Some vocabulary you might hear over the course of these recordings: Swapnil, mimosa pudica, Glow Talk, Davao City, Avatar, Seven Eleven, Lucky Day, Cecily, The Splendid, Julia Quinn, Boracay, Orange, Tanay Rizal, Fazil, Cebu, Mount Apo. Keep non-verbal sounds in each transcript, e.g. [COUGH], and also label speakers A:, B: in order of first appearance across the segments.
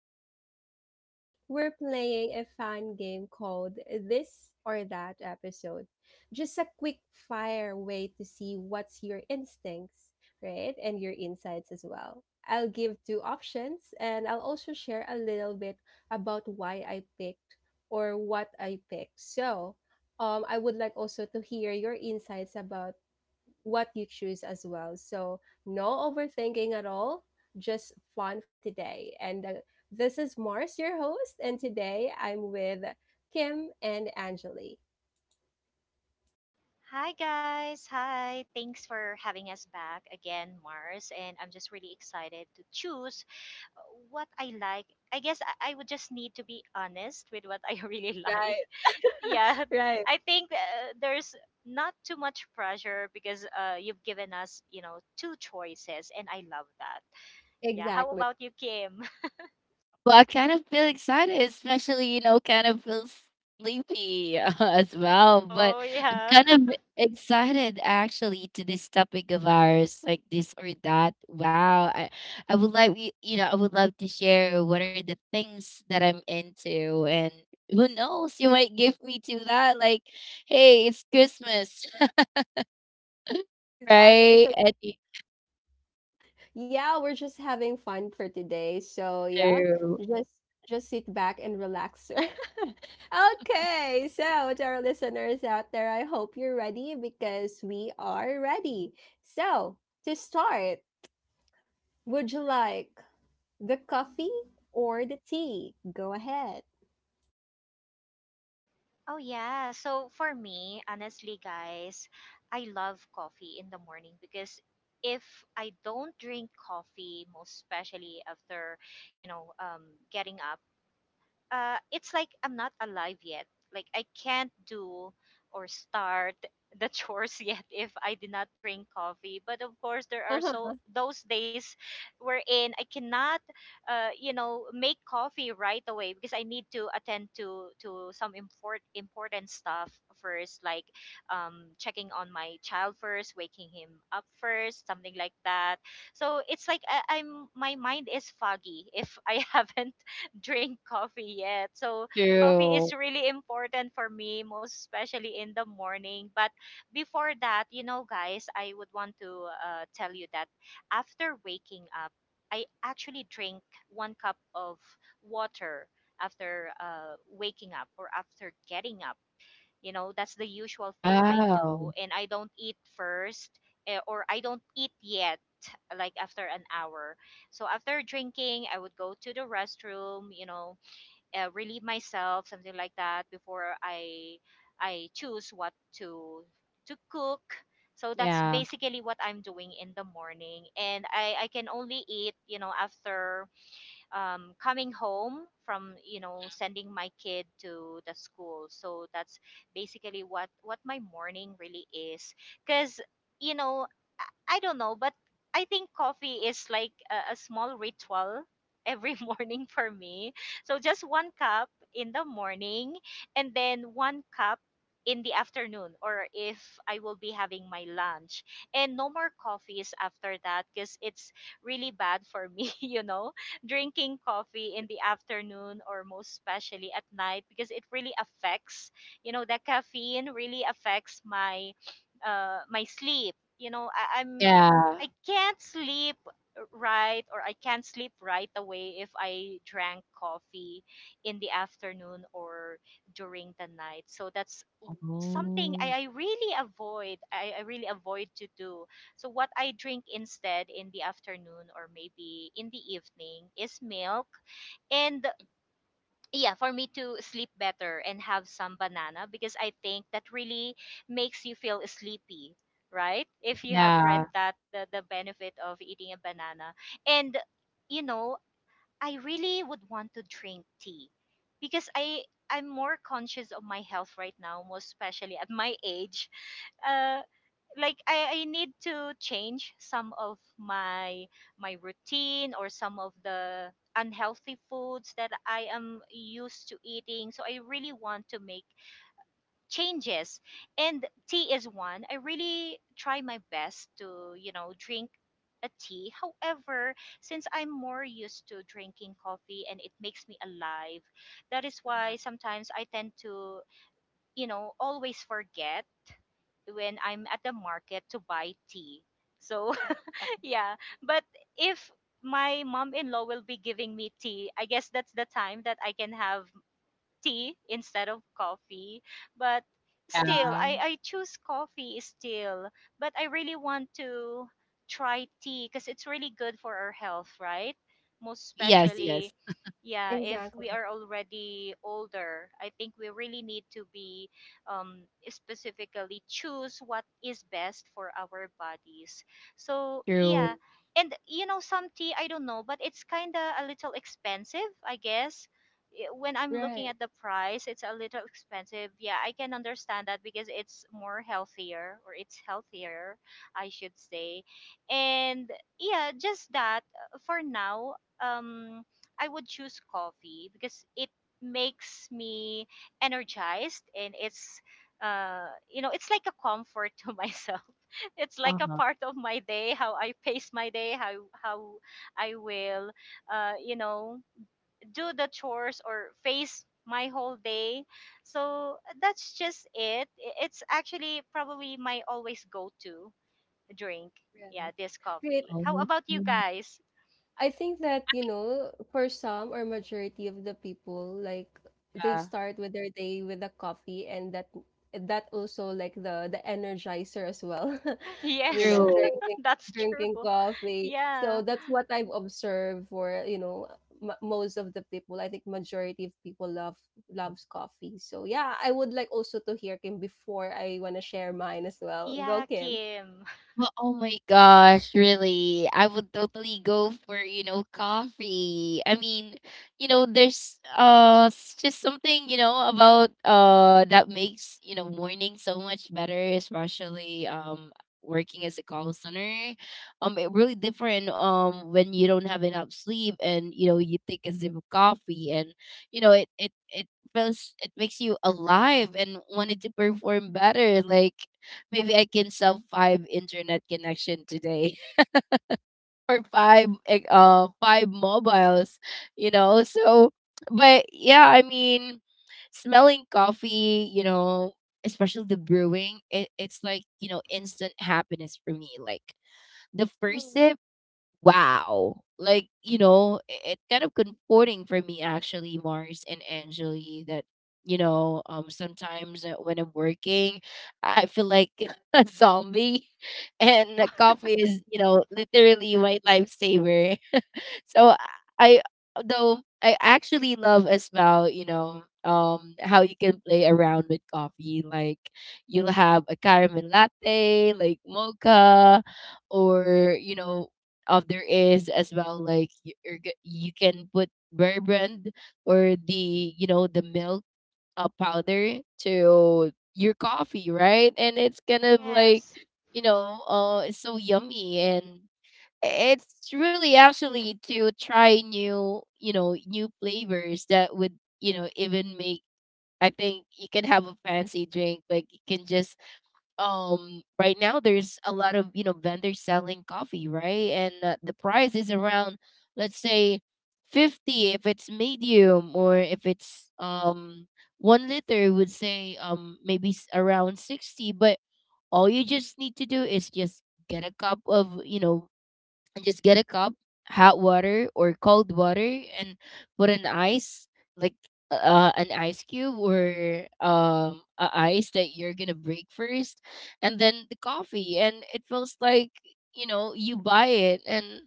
A: Talk. So, today we're playing a fun game called This or That Episode. Just a quick fire way to see what's your instincts, right? And your insights as well. I'll give two options and I'll also share a little bit about why I picked or what I picked. So, I would like also to hear your insights about what you choose as well. So, no overthinking at all, just fun for today. And this is Mars, your host, and today I'm with Kim and Angeli.
B: Hi guys, hi. Thanks for having us back again, Mars. And I'm just really excited to choose uh, what I like. I guess I would just need to be honest with what I [LAUGHS] really like.
A: Right,
B: Yeah,
A: right.
B: I think there's not too much pressure because you've given us, you know, two choices, and I love that. Yeah, how
A: Exactly.
B: about you, Kim? [LAUGHS]
C: Well, I kind of feel excited, especially, you know, kind of feel sleepy [LAUGHS] as well. But
B: Oh,
C: I'm
B: yeah.
C: kind of
B: [LAUGHS]
C: excited actually to this topic of ours, like this or that. Wow. I would like, you know, I would love to share what are the things that I'm into. And who knows, you might give me to that. Like, hey, it's Christmas, [LAUGHS]
A: Exactly.
C: right?
A: So,
C: And it's
A: yeah, we're just having fun for today. So, yeah,
C: true.
A: just just sit back and relax. [LAUGHS] Okay. So, to our listeners out there, I hope you're ready because we are ready. So, to start, would you like the coffee or the tea? Go ahead.
B: Oh yeah. So for me, honestly, guys, I love coffee in the morning because if I don't drink coffee, most especially after, you know, getting up, it's like I'm not alive yet. Like I can't do or start the chores [LAUGHS] yet if I did not drink coffee. But of course, there are so
A: Uh-huh.
B: those days wherein I cannot, you know, make coffee right away because I need to attend to some important stuff first, like checking on my child first, waking him up first, something like that. So it's like I, I'm my mind is foggy if I [LAUGHS] haven't [LAUGHS] drink coffee yet. So coffee is
C: True.
B: really important for me, most especially in the morning. But before that, you know, guys, I would want to tell you that after waking up, I actually drink one cup of water after waking up or after getting up, you know, that's the usual thing I do.
C: Wow.
B: And I don't eat first, or I don't eat yet, like after an hour. So after drinking, I would go to the restroom, you know, relieve myself, something like that, before I choose what to cook. So that's
C: Yeah.
B: basically what I'm doing in the morning. And I can only eat, you know, after coming home from, you know, sending my kid to the school. So that's basically what my morning really is, because, you know, I don't know, but I think coffee is like a small ritual every [LAUGHS] morning for me. So just one cup in the morning, and then one cup in the afternoon, or if I will be having my lunch. And no more coffees after that because it's really bad for me, [LAUGHS] you know, drinking coffee in the afternoon or most especially at night, because it really affects, you know, the caffeine really affects my my sleep, you know. I
C: Yeah.
B: can't sleep right, or I can't sleep right away if I drank coffee in the afternoon or during the night. So that's something I,
C: Oh.
B: I really avoid, I really avoid to do. So what I drink instead in the afternoon or maybe in the evening is milk. And yeah, for me to sleep better, and have some banana, because I think that really makes you feel sleepy, right, if you have read
C: Yeah.
B: that the benefit of eating a banana. And you know, I really would want to drink tea because I'm more conscious of my health right now, most especially at my age. Uh, like I need to change some of my routine or some of the unhealthy foods that I am used to eating. So I really want to make changes, and tea is one I really try my best to, you know, drink a tea. However, since I'm more used to drinking coffee and it makes me alive, that is why
C: Mhm.
B: sometimes I tend to, you know, always forget when I'm at the market to buy tea. So
C: Uh,
B: [LAUGHS] yeah, but if my mom-in-law will be giving me tea, I guess that's the time that I can have tea instead of coffee. But still,
C: Yeah.
B: I choose coffee still. But I really want to try tea because it's really good for our health, right, most
C: Yes, yes.
B: especially, yeah, if we
A: Exactly.
B: are already older. I think we really need to be, um, specifically choose what is best for our bodies. So
C: True.
B: yeah, and you know some tea, I don't know, but it's kind of a little expensive, I guess. When I'm looking
A: Right.
B: at the price, it's a little expensive. Yeah, I can understand that because it's more healthier, or it's healthier, I should say. And yeah, just that, for now, um, I would choose coffee because it makes me energized, and it's, you know, it's like a comfort to [LAUGHS] myself. It's like a
C: Uh-huh.
B: part of my day, how I pace my day, how how I will, you know, do the chores or face my whole day. So that's just it. It's actually probably my always go to drink. Yeah, this
A: Right. Right.
B: coffee. How
C: Oh,
B: about you guys?
A: I think that, you know, for some or majority of the people, like they
C: yeah.
A: start with their day with a coffee, and that also like the energizer as well.
B: [LAUGHS]
A: [LAUGHS] You
B: Yes,
A: know,
C: True.
B: [LAUGHS]
A: drinking
B: that's
A: drinking
B: true.
A: coffee. So
B: Yeah.
A: that's what I've observed for, you know, m- most of the people. I think majority of people love loves coffee. So yeah, I would like also to hear Kim before I want to share mine as well. Go,
B: Yeah,
A: Kim.
B: Kim. [LAUGHS]
C: Well, oh my gosh, really. I would totally go for, you know, coffee. I mean, you know, there's just something, you know, about that makes, you know, morning so much better, especially working as a call center. It really different when you don't have enough sleep and you know you take a sip of coffee and you know it feels it makes you alive and wanted to perform better. Like maybe I can sell five internet connection today [LAUGHS] or five five mobiles, you know. So but yeah, I mean smelling coffee, you know, especially the brewing, it's like, you know, instant happiness for me. Like the first
A: Mhm.
C: sip. Wow, like you know it's kind of comforting for me actually, Mars and Angeli, that you know sometimes when I'm working I feel like [LAUGHS] a zombie and the
B: Oh,
C: coffee is you know literally my lifesaver. So I though I actually love as well, you know, how you can play around with coffee. Like you'll have a caramel latte, like mocha, or you know, there is as well like you can put bourbon or the you know the milk powder to your coffee, right? And it's kind
B: [LAUGHS]
C: of like
B: yes.
C: you know, it's so yummy and it's really actually to try new you know new flavors that would you know even make I think you can have a fancy drink. Like you can just right now there's a lot of you know vendors selling coffee, right? And the price is around let's say 50 if it's medium or if it's 1 liter would say maybe around 60. But all you just need to do is just get a cup of you know and just get a cup, hot water or cold water, and put an ice, like an ice cube or a ice that you're gonna break first, and then the coffee, and it feels like you know you buy it. And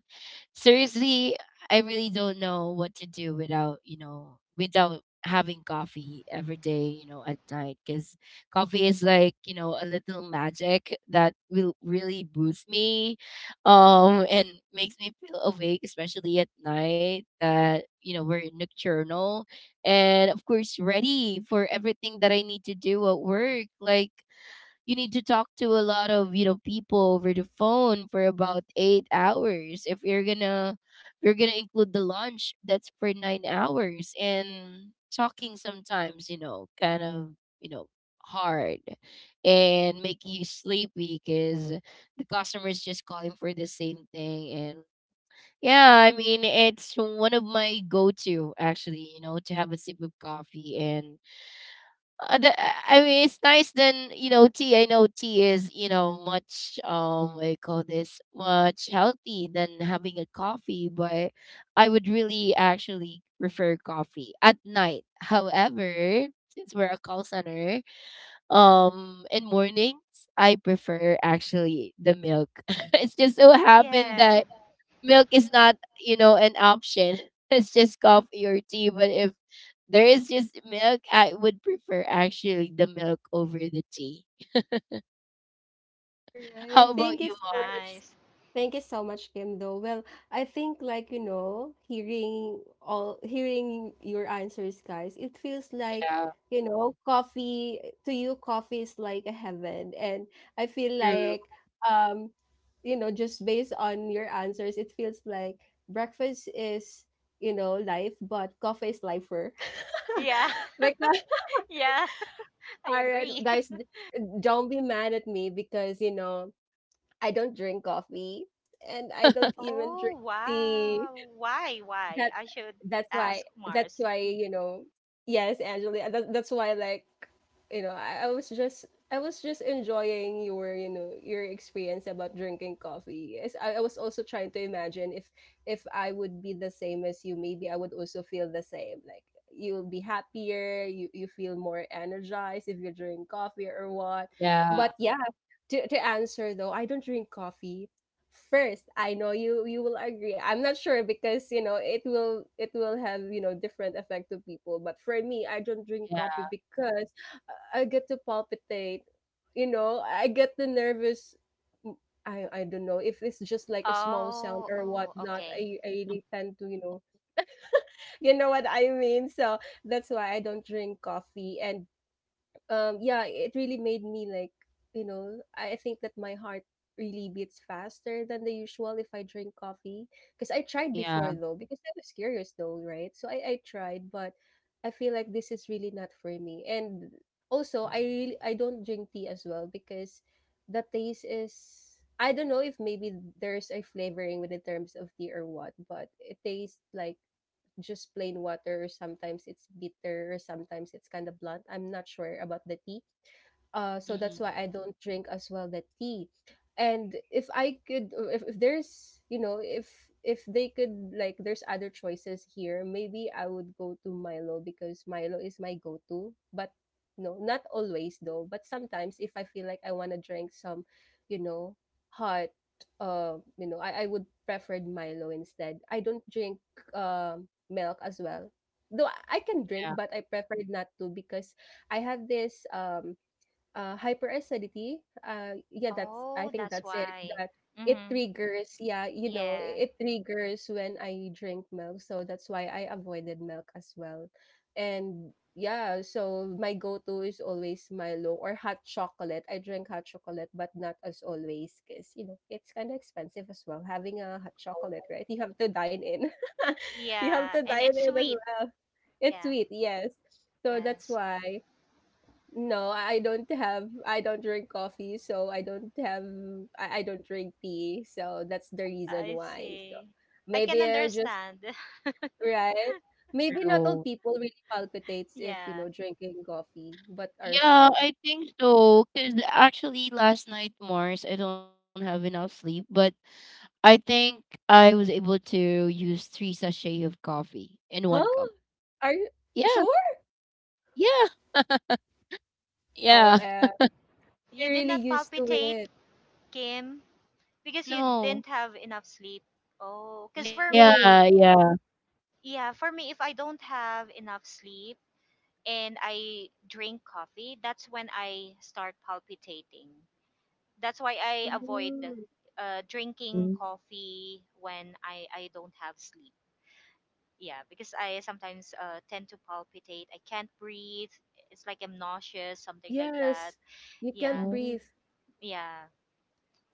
C: seriously, I really don't know what to do without you know without having coffee every day you know at night because coffee is like you know a little magic that will really boost me and makes me feel awake, especially at night that you know we're nocturnal. And of course ready for everything that I need to do at work. Like you need to talk to a lot of you know people over the phone for about 8 hours. If you're gonna include the lunch that's for 9 hours. And talking sometimes you know kind of you know hard and make you sleepy because the customers just calling for the same thing. And yeah, I mean, it's one of my go-to actually you know to have a sip of coffee. And uh, the, I mean, it's nice. Then you know, tea. I know tea is you know much what do you call this, much healthy than having a coffee, but I would really actually prefer coffee at night. However, since we're a call center, in mornings I prefer actually the milk. [LAUGHS] It's just so happened
B: Yeah.
C: that milk is not you know an option. [LAUGHS] It's just coffee or tea. But if there is just milk I would prefer actually the milk over the tea.
A: All
C: [LAUGHS] How
A: right. Thank
C: about
A: you
C: you,
A: so much.
C: Mars?
B: Nice.
A: Thank you so much, Kim, though. Well, I think like, you know, hearing your answers, guys, it feels like,
C: Yeah,
A: you know, coffee to you, coffee is like a heaven. And I feel
C: true.
A: like, um, you know, just based on your answers, it feels like breakfast is, you know, life, but coffee is lifer.
B: Yeah.
A: [LAUGHS] Because
B: [LAUGHS] Yeah, I
A: all right,
B: agree.
A: guys,
B: [LAUGHS]
A: don't be mad at me because, you know, I don't drink coffee, and I don't even
B: Oh,
A: drink tea.
B: wow. Why? Why?
A: That
B: I should
A: that's why
B: ask
A: that's
B: Mars.
A: why, you know, yes, Angela, that, that's why, like, you know, I was just enjoying your, you know, your experience about drinking coffee. Yes, I was also trying to imagine if I would be the same as you, maybe I would also feel the same. Like you'll be happier, you feel more energized if you drink coffee or what.
C: Yeah.
A: But yeah, to answer though, I don't drink coffee. First, I know you will agree, I'm not sure, because you know, it will have, you know, different effect to people, but for me, I don't drink coffee
C: Yeah.
A: because I get to palpitate, you know, I get the nervous. I I don't know if it's just like a small sound
B: Oh,
A: or
B: oh,
A: whatnot,
B: okay.
A: I really tend to, you know, you know what I mean. So that's why I don't drink coffee. And yeah, it really made me like, you know, I think that my heart really beats faster than the usual if I drink coffee, because I tried
C: Yeah.
A: before though, because I was curious though, right? So I tried, but I feel like this is really not for me. And also, I really, I don't drink tea as well because the taste is, I don't know if maybe there's a flavoring with the terms of tea or what, but it tastes like just plain water, or sometimes it's bitter, or sometimes it's kind of blunt. I'm not sure about the tea. So that's
C: Hmm.
A: why I don't drink as well the tea. And if I could, if, there's, you know, if they could like, there's other choices here, maybe I would go to Milo, because Milo is my go-to. But no, not always though. But sometimes if I feel like I want to drink some, you know, hot, you know, I would prefer Milo instead. I don't drink milk as well. Though I can drink,
C: Yeah.
A: but I prefer not to because I have this hyperacidity, yeah, that's, I
B: Oh,
A: think
B: that's
A: that's it.
B: why.
A: That it
B: Mm-hmm.
A: triggers, yeah, you know,
B: Yeah.
A: it triggers when I drink milk, so that's why I avoided milk as well. And yeah, so my go-to is always Milo or hot chocolate. I drink hot chocolate, but not as always, because you know it's kind of expensive as well. Having a hot chocolate,
C: Oh,
A: right? You have to dine in. [LAUGHS] You have
B: Yeah.
A: to
B: And
A: dine
B: it's
A: in as
B: sweet.
A: well. It's
B: Yeah.
A: sweet, yes. So that's
B: Yes.
A: why. I don't drink coffee, so I don't have, I don't drink tea, so that's the reason
B: I
A: why. So
B: see. I can
A: maybe I just,
B: understand. [LAUGHS]
A: right. Maybe not all
C: true.
A: people really palpitates if you
B: Yeah.
A: know drinking coffee, but are
C: Yeah,
A: some.
C: I think so because actually last night, Mars, I don't have enough sleep, but I think I was able to use 3 sachets of coffee in
A: Huh?
C: one cup.
A: Are you sure?
C: Yeah. Yeah.
A: Oh,
C: Yeah.
B: You
A: you're
B: did
A: really
B: not
A: used to
B: palpitate,
A: it,
B: Kim, because you
C: No.
B: didn't
C: No.
B: have enough sleep. Oh, because for
A: right?
B: me,
C: Yeah, yeah.
B: yeah, for me, if I don't have enough sleep and I drink coffee, that's when I start palpitating. That's why I avoid
A: Hmm.
B: drinking
C: Mm.
B: coffee when I don't have sleep. Yeah, because I sometimes tend to palpitate. I can't breathe. It's like I'm nauseous, something like that.
A: Yes, you can't
B: Yeah,
A: breathe.
C: Oh.
B: yeah.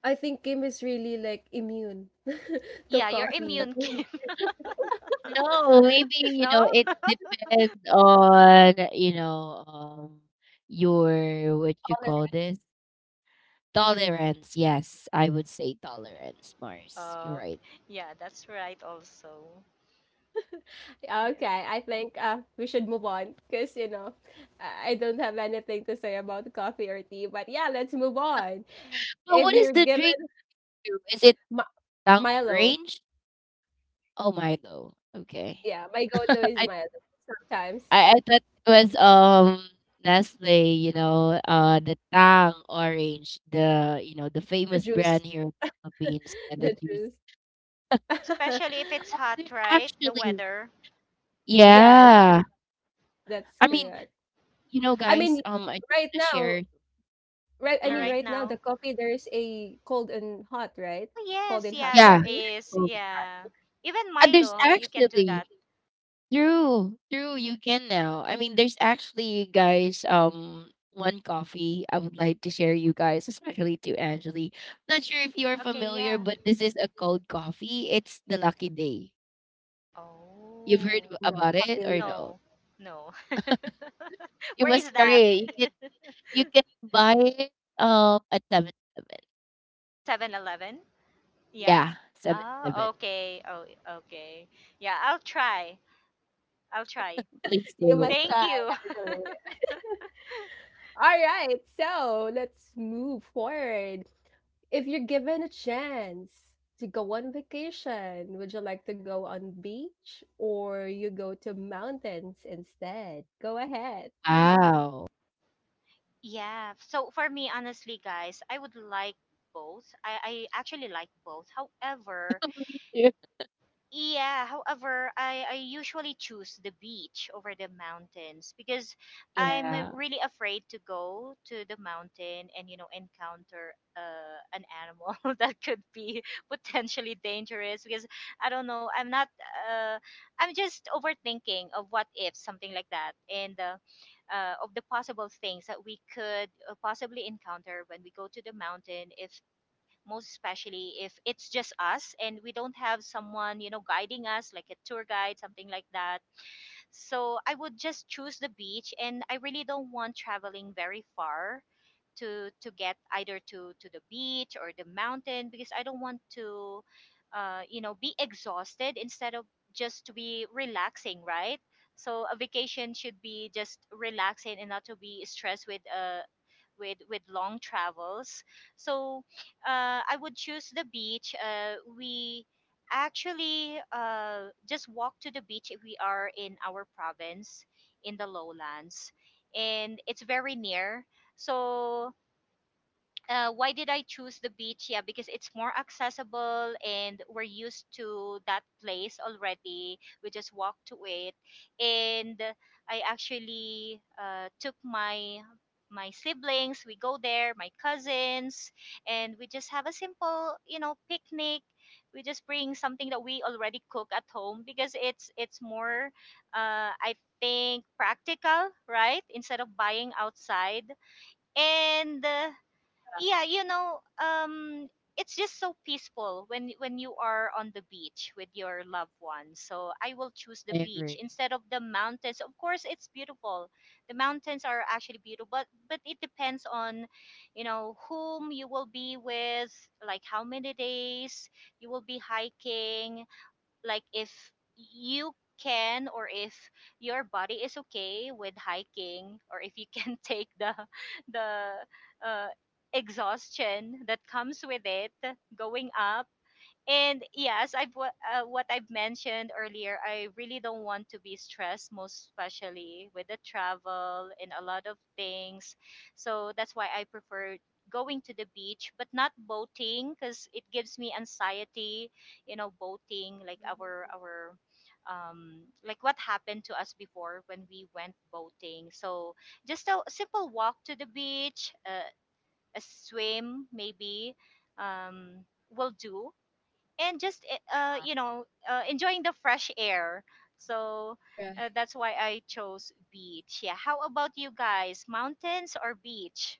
A: I think Kim is really like immune [LAUGHS] to
B: Yeah, you're
A: coffee.
B: immune, [LAUGHS] Kim.
A: [LAUGHS]
C: No, maybe, you
B: No?
C: know, it
B: [LAUGHS]
C: depends on, you know, your, what you call this? Tolerance. Yes, I would say tolerance, Mars. You're
B: Oh,
C: right.
B: yeah, that's right also. Yeah.
A: Okay, I think we should move on because, you know, I don't have anything to say about coffee or tea. But yeah, let's move on.
C: But
A: If
C: what is
A: you're
C: the drink
A: given
C: to? Is it
A: mi-
C: Tang
A: Milo,
C: Orange? Oh, Milo. Okay.
A: yeah, my go to
C: [LAUGHS]
A: is
C: I
A: Milo sometimes.
C: I thought it was, Nestle, you know, the Tang Orange, the, you know, the
A: The
C: famous brand
A: juice,
C: here in the Philippines,
A: [LAUGHS]
C: and the
A: the
C: juice.
A: juice. [LAUGHS]
B: Especially if it's
C: Oh,
B: hot,
C: there's
B: right? The
C: actually.
B: weather.
A: Yes,
B: Yeah.
C: Yeah.
A: that's
C: I mean,
A: correct.
C: you know,
A: I
C: guys,
A: mean,
C: I wanna
A: right now,
C: share.
A: Right, I
B: Yeah,
A: mean,
C: Mhm.
B: right
A: right now, the
B: now.
A: coffee, there's a cold and hot, right?
B: Oh,
A: Cold
B: yes.
A: and
B: Yeah,
A: hot
C: Yeah,
B: there
A: coffee.
C: there's
B: is.
C: Golden.
B: Yeah. Even
C: And there's
B: Milo, you can do that.
C: actually true, true. You can now. I mean, there's actually, guys, one coffee I would like to share you guys, especially to Angeli. Not sure if you are
B: Okay,
C: familiar,
B: yeah.
C: but this is a cold coffee. It's the Lucky Day. You've heard
B: Oh.
A: No,
C: about it or
A: familiar.
C: no?
B: No. No. [LAUGHS]
C: You
B: Where is
C: must try
B: that?
C: it.
B: [LAUGHS]
C: You can buy it at 7-Eleven.
B: 7-Eleven. Yeah.
C: Yeah, Seven
B: Oh,
C: Eleven.
B: okay. Oh, okay. Yeah, I'll try. I'll try.
C: Please
A: You
C: do.
A: must
B: Thank
C: [LAUGHS]
A: try,
B: you.
A: actually.
B: [LAUGHS]
A: All right, so let's move forward. If you're given a chance to go on vacation, would you like to go on beach or you go to mountains instead? Go ahead.
C: Wow.
B: Yeah. So for me, honestly, guys, I would like both. I actually like both. However,
C: [LAUGHS]
B: yeah, however, I usually choose the beach over the mountains because I'm,
C: Yeah,
B: really afraid to go to the mountain and, you know, encounter an animal [LAUGHS] that could be [LAUGHS] potentially dangerous, because I don't know, I'm not, uh, I'm just overthinking of what if, something like that, and of the possible things that we could possibly encounter when we go to the mountain, if, most especially if it's just us and we don't have someone, you know, guiding us, like a tour guide, something like that. So I would just choose the beach, and I really don't want traveling very far to get either to the beach or the mountain, because I don't want to, you know, be exhausted instead of just to be relaxing, right? So a vacation should be just relaxing and not to be stressed with, with long travels. So I would choose the beach. We Actually, just walk to the beach if we are in our province, in the lowlands, and it's very near. So why did I choose the beach? Yeah, because it's more accessible and we're used to that place already. We just walk to it, and I actually took my siblings. We go there, my cousins, and we just have a simple, you know, picnic. We just bring something that we already cook at home because it's more, I think, practical, right? Instead of buying outside, and, yeah, you know, it's just so peaceful when you are on the beach with your loved ones. So I will choose the
C: I
B: beach
C: agree.
B: instead of the mountains. Of course it's beautiful, the mountains are actually beautiful, but it depends on, you know, whom you will be with, like how many days you will be hiking, like if you can, or if your body is okay with hiking, or if you can [LAUGHS] take the the uh, exhaustion that comes with it, going up. And yes, what I've mentioned earlier, I really don't want to be stressed, most especially with the travel and a lot of things. So that's why I prefer going to the beach, but not boating because it gives me anxiety. You know, boating, like our like what happened to us before when we went boating. So just a simple walk to the beach, a swim maybe, um will do, and just you know, enjoying the fresh air. So
A: Right.
B: that's why I chose beach. Yeah, how about you guys, mountains or beach?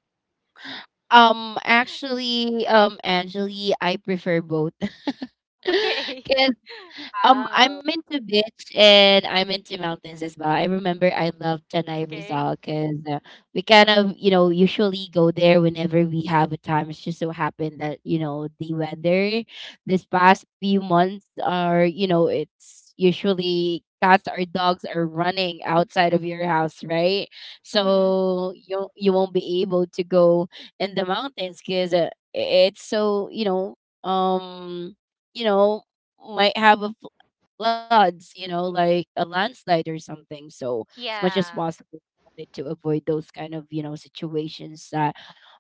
C: Actually, Angeli, I prefer both. [LAUGHS]
B: [LAUGHS] Okay,
C: 'Cause
A: Wow.
C: I'm into beach and I'm into mountains as well. I remember I love Tanay
B: okay.
C: Rizal because we kind of, you know, usually go there whenever we have a time. It's just so happened that you know the weather this past few months are, you know, it's usually cats or dogs are running outside of your house, right?
B: Mm-hmm.
C: So you won't be able to go in the mountains because it's so um you know, might have a floods, you know, like a landslide or something. So as much as
B: Yeah,
C: possible, we wanted to avoid those kind of you know situations that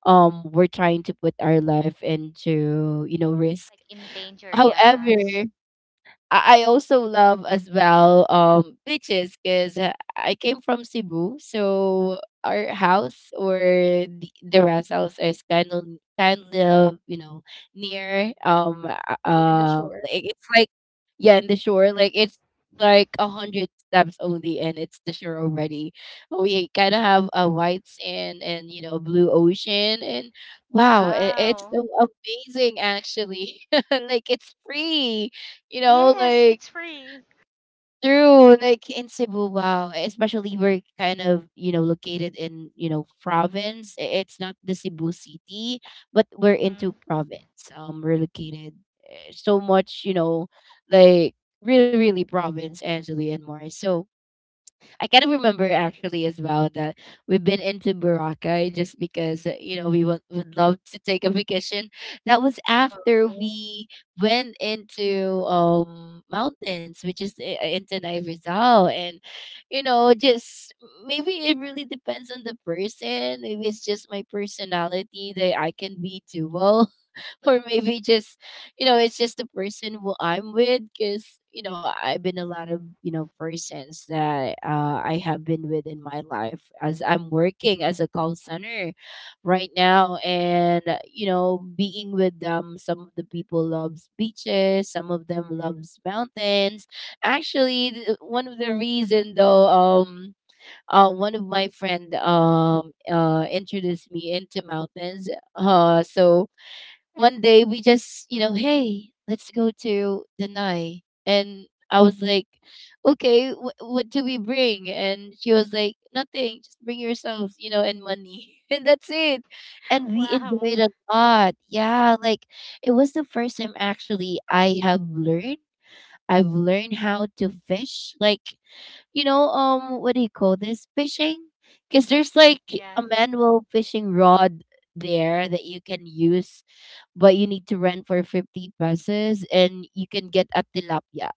C: we're trying to put our life into you know risk.
B: like in danger,
C: However,
B: yes.
C: I also love as well beaches because I came from Cebu. So our house or the rest house is kind of you know near
A: Near the shore.
C: like it's like yeah in the shore. Like it's like 100 steps only and it's the shore already. We kind of have a white sand and you know blue ocean. And wow, it's
B: Wow.
C: so amazing actually [LAUGHS] like it's free you know,
B: Yes,
C: like
B: it's free.
C: through, like in Cebu. Wow, especially we're kind of, you know, located in, you know, province. It's not the Cebu City, but we're
B: Mm-hmm.
C: into province. We're located so much, you know, like really, really province, Angeli and more. So I kind of remember actually as well that we've been into Boracay just because you know we would love to take a vacation. That was
A: Wow.
C: after we went into mountains, which is into Rizal. And you know just maybe it really depends on the person. Maybe it's just my personality that I can be dual. [LAUGHS] Or maybe just you know it's just the person who I'm with because you know I've been a lot of you know persons that I have been with in my life as I'm working as a call center right now. And you know being with them, some of the people loves beaches, some of them loves mountains. Actually one of the reason though one of my friend introduced me into mountains. So one day we just, you know, hey, let's go to Danai. And I was like, okay, what do we bring? And she was like, nothing, just bring yourself, you know, and money. [LAUGHS] And that's it. And
B: [LAUGHS]
C: we
B: Wow.
C: enjoyed a lot. Yeah, like it was the first time actually I have learned. I've learned how to fish. Like, you know, what do you call this? Fishing? Because there's
B: Yeah.
C: like
B: Yeah.
C: a manual fishing rod there that you can use but you need to rent for 50 pesos and you can get a tilapia.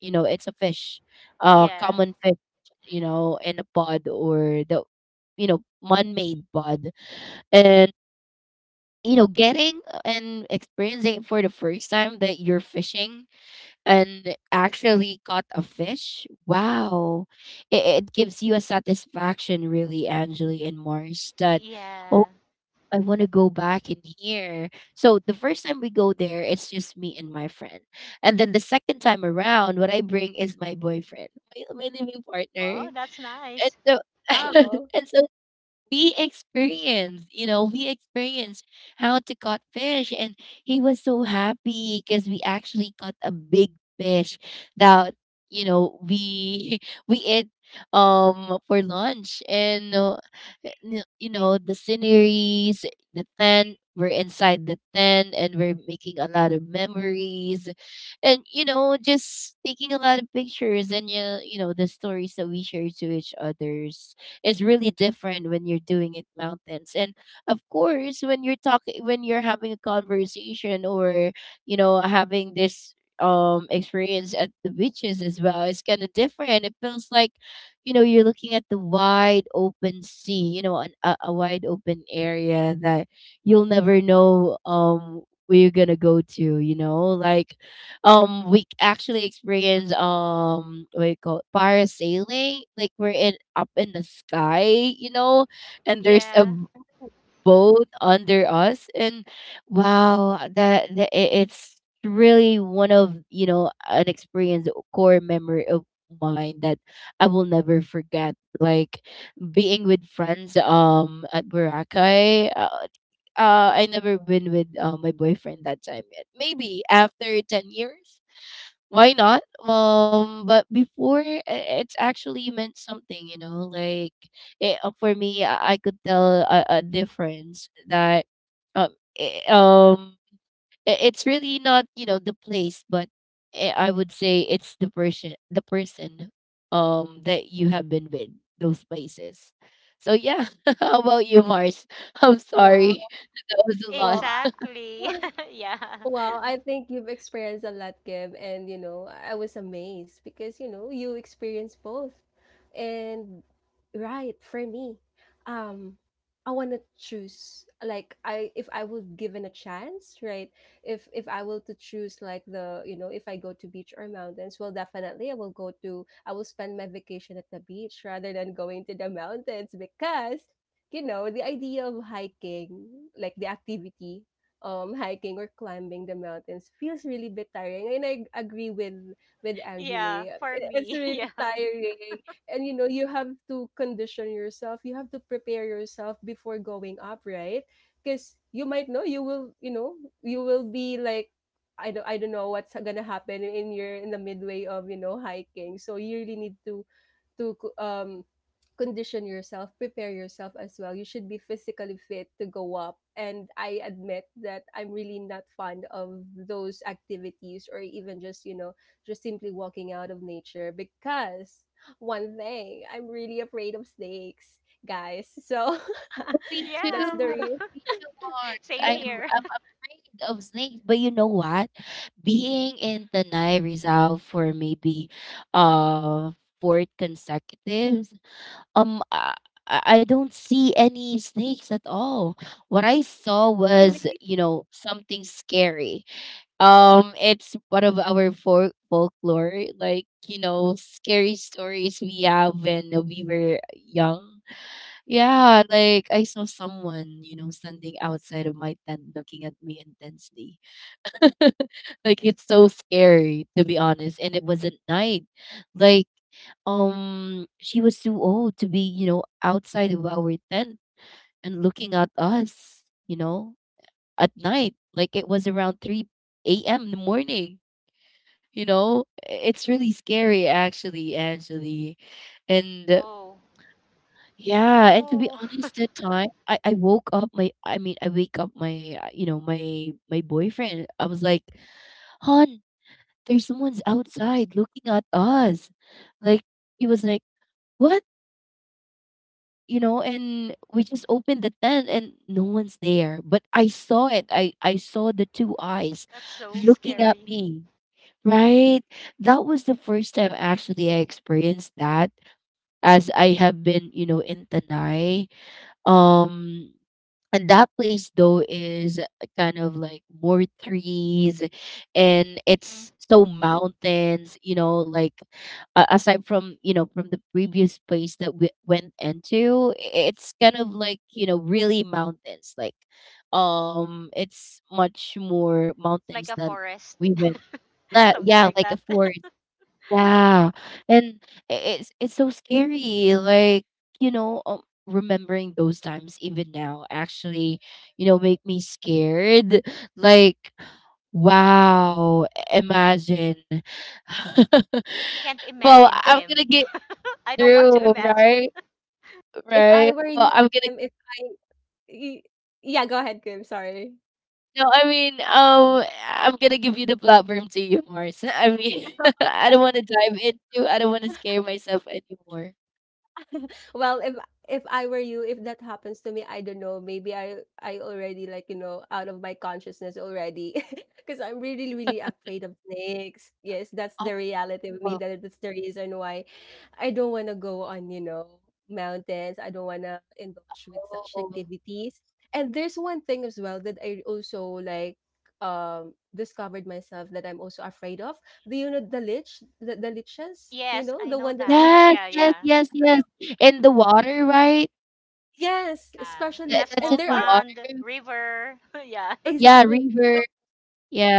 C: You know, it's a fish,
B: Yeah.
C: common fish, you know, in a pod or the, you know, man-made pod. And, you know, getting and experiencing it for the first time that you're fishing and actually caught a fish, wow. It, it gives you a satisfaction, really, Angeli and Mars, that
B: Yeah.
C: I want to go back in here. So the first time we go there, it's just me and my friend. And then the second time around, what I bring is my boyfriend, my living partner.
B: Wow, that's
C: And
B: nice.
C: so [LAUGHS]
A: Wow.
C: and so we experienced how to cut fish. And he was so happy because we actually caught a big fish that, you know, we [LAUGHS] we ate for lunch and you know the sceneries, the tent, we're inside the tent and we're making a lot of memories, and you know just taking a lot of pictures, and you know the stories that we share to each others is really different when you're doing it mountains. And of course, when you're talking, when you're having a conversation or, you know, having this experience at the beaches as well, it's kind of different. It feels like, you know, you're looking at the wide open sea, you know, a wide open area that you'll never know where you're gonna go to, you know, like we actually experienced what do you call it, parasailing, like we're in up in the sky, you know, and
B: Yeah,
C: boat under us, and wow, it's really one of you know an experience, a core memory of mine that I will never forget. Like being with friends at Boracay, I never been with my boyfriend that time yet. Maybe after 10 years, why not? But before it's actually meant something, you know. Like for me, I could tell a difference that um i- um it's really not you know the place, but I would say it's the person, the person that you have been with those places. So yeah, [LAUGHS] how about you, Mars? [LAUGHS] I'm
A: Wow.
C: sorry, [LAUGHS] that was a lot.
B: exactly.
A: Wow.
B: [LAUGHS] Yeah.
A: Wow, I think you've experienced a lot, Kim, and you know, I was amazed because you know, you experienced both. And right, for me, um, I want to choose like, I if I was given a chance, right? If I will to choose like the, you know, if I go to beach or mountains, well, definitely I will go to, I will spend my vacation at the beach rather than going to the mountains because, you know, the idea of hiking, like the activity, hiking or climbing the mountains feels really bit tiring. And I agree with Angela.
B: Yeah, for
A: It's
B: me. [LAUGHS]
A: really
B: Yeah.
A: tiring, and you know you have to condition yourself. You have to prepare yourself before going up, right? Because you might know you will, you know, you will be like, I don't know what's gonna happen in your, in the midway of, you know, hiking, so you really need to condition yourself, prepare yourself as well. You should be physically fit to go up. And I admit that I'm really not fond of those activities or even just, you know, just simply walking out of nature because, one thing, I'm really afraid of snakes, guys. So
C: Oh, me
A: [LAUGHS]
C: too.
A: that's
B: Yeah.
A: the real
C: Me too,
B: [LAUGHS]
C: Mars.
B: Same
A: that
B: here.
C: I'm afraid of snakes. But you know what? Being in Tanay Rizal for maybe uh four consecutives, um I, I don't see any snakes at all. What I saw was,
A: really
C: you know, something scary. It's one of our folk folklore, like, you know, scary stories we have when we were young, yeah, like I saw someone, you know, standing outside of my tent looking at me intensely. [LAUGHS] Like it's so scary to be honest, and it was at night. Like she was too old to be, you know, outside of our tent and looking at us, you know, at night. Like it was around 3 a.m. in the morning, you know. I- It's really scary actually, actually. And
B: Oh.
C: yeah, and to be
B: Oh.
C: honest, that time I woke up my, I mean I wake up my you know my boyfriend. I was like, "Hon, there's someone's outside looking at us." Like he was like, "What?" You know, and we just opened the tent and no one's there. But I saw it. I saw the two eyes
B: [LAUGHS] That's so
C: looking at
B: scary.
C: me. Right? That was the first time actually I experienced that as I have been, you know, in Tanai. Um And that place though is kind of like more trees and
B: Mm-hmm.
C: it's so mountains, you know, like aside from, you know, from the previous place that we went into, it's kind of like, you know, really mountains. Like it's much more
B: It's like a
C: mountains than
B: forest.
C: we went.
B: [LAUGHS]
C: Yeah,
B: Something
C: yeah,
B: like
C: like a
B: that. [LAUGHS]
C: forest,
B: I
C: yeah, and i- it's so scary. Like you know, remembering those times even now actually, you know, make me scared. Like, wow, imagine. [LAUGHS]
B: can't
C: Well,
B: imagine,
C: I'm
A: if
C: gonna
B: Kim.
C: get
B: [LAUGHS] I don't want to
C: through,
B: imagine.
C: right?
A: I
C: Right.
A: were
C: Well,
A: you,
C: I'm gonna.
A: Kim, if I y- yeah, go ahead, Kim, sorry.
C: No, I mean, I'm gonna give you the platform to you, Mars. [LAUGHS] I mean, [LAUGHS] I don't
A: [LAUGHS]
C: want to dive into. I don't want to scare myself anymore.
A: Well, if I were you, if that happens to me, I don't know. Maybe I already like, you know, out of my consciousness already, [LAUGHS] because I'm really really afraid of snakes. Yes, that's the reality of me.
C: Oh.
A: That that's the reason why I don't want to go on, you know, mountains. I don't want to indulge with such
C: Oh.
A: activities. And there's one thing as well that I also like, discovered myself that I'm also afraid of. Do you know the the
B: [LAUGHS]
A: liches? You
B: Yes,
A: know
B: I
A: the
B: know
A: one that,
B: that.
C: Yes,
B: Yeah,
C: yes,
B: yeah.
C: yes, yes. In the water, right?
A: yes,
B: Yeah. In
C: That,
A: especially,
B: a
C: that's
A: and
B: small
C: in
A: there
C: the
A: are,
B: pond,
C: water.
B: river. [LAUGHS] Yeah. [LAUGHS]
C: Yeah,
A: exactly.
C: river.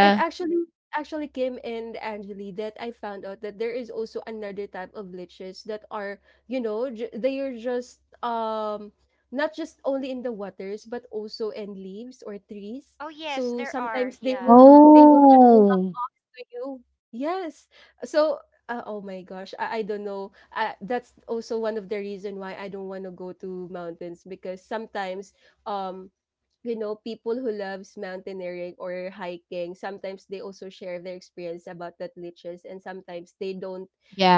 A: And actually Kim and Angeli, that I found out that there is also another type of liches that are, you know, they are just, not just only in the waters but also in leaves or trees.
B: Oh, yes,
A: So
B: there are.
A: sometimes
B: Yeah.
A: they will just
C: Oh.
A: to you. Yes. So, oh my gosh, I don't know. That's also one of the reason why I don't want to go to mountains, because sometimes, um, you know, people who loves mountaineering or hiking, sometimes they also share their experience about that liches, and sometimes they don't,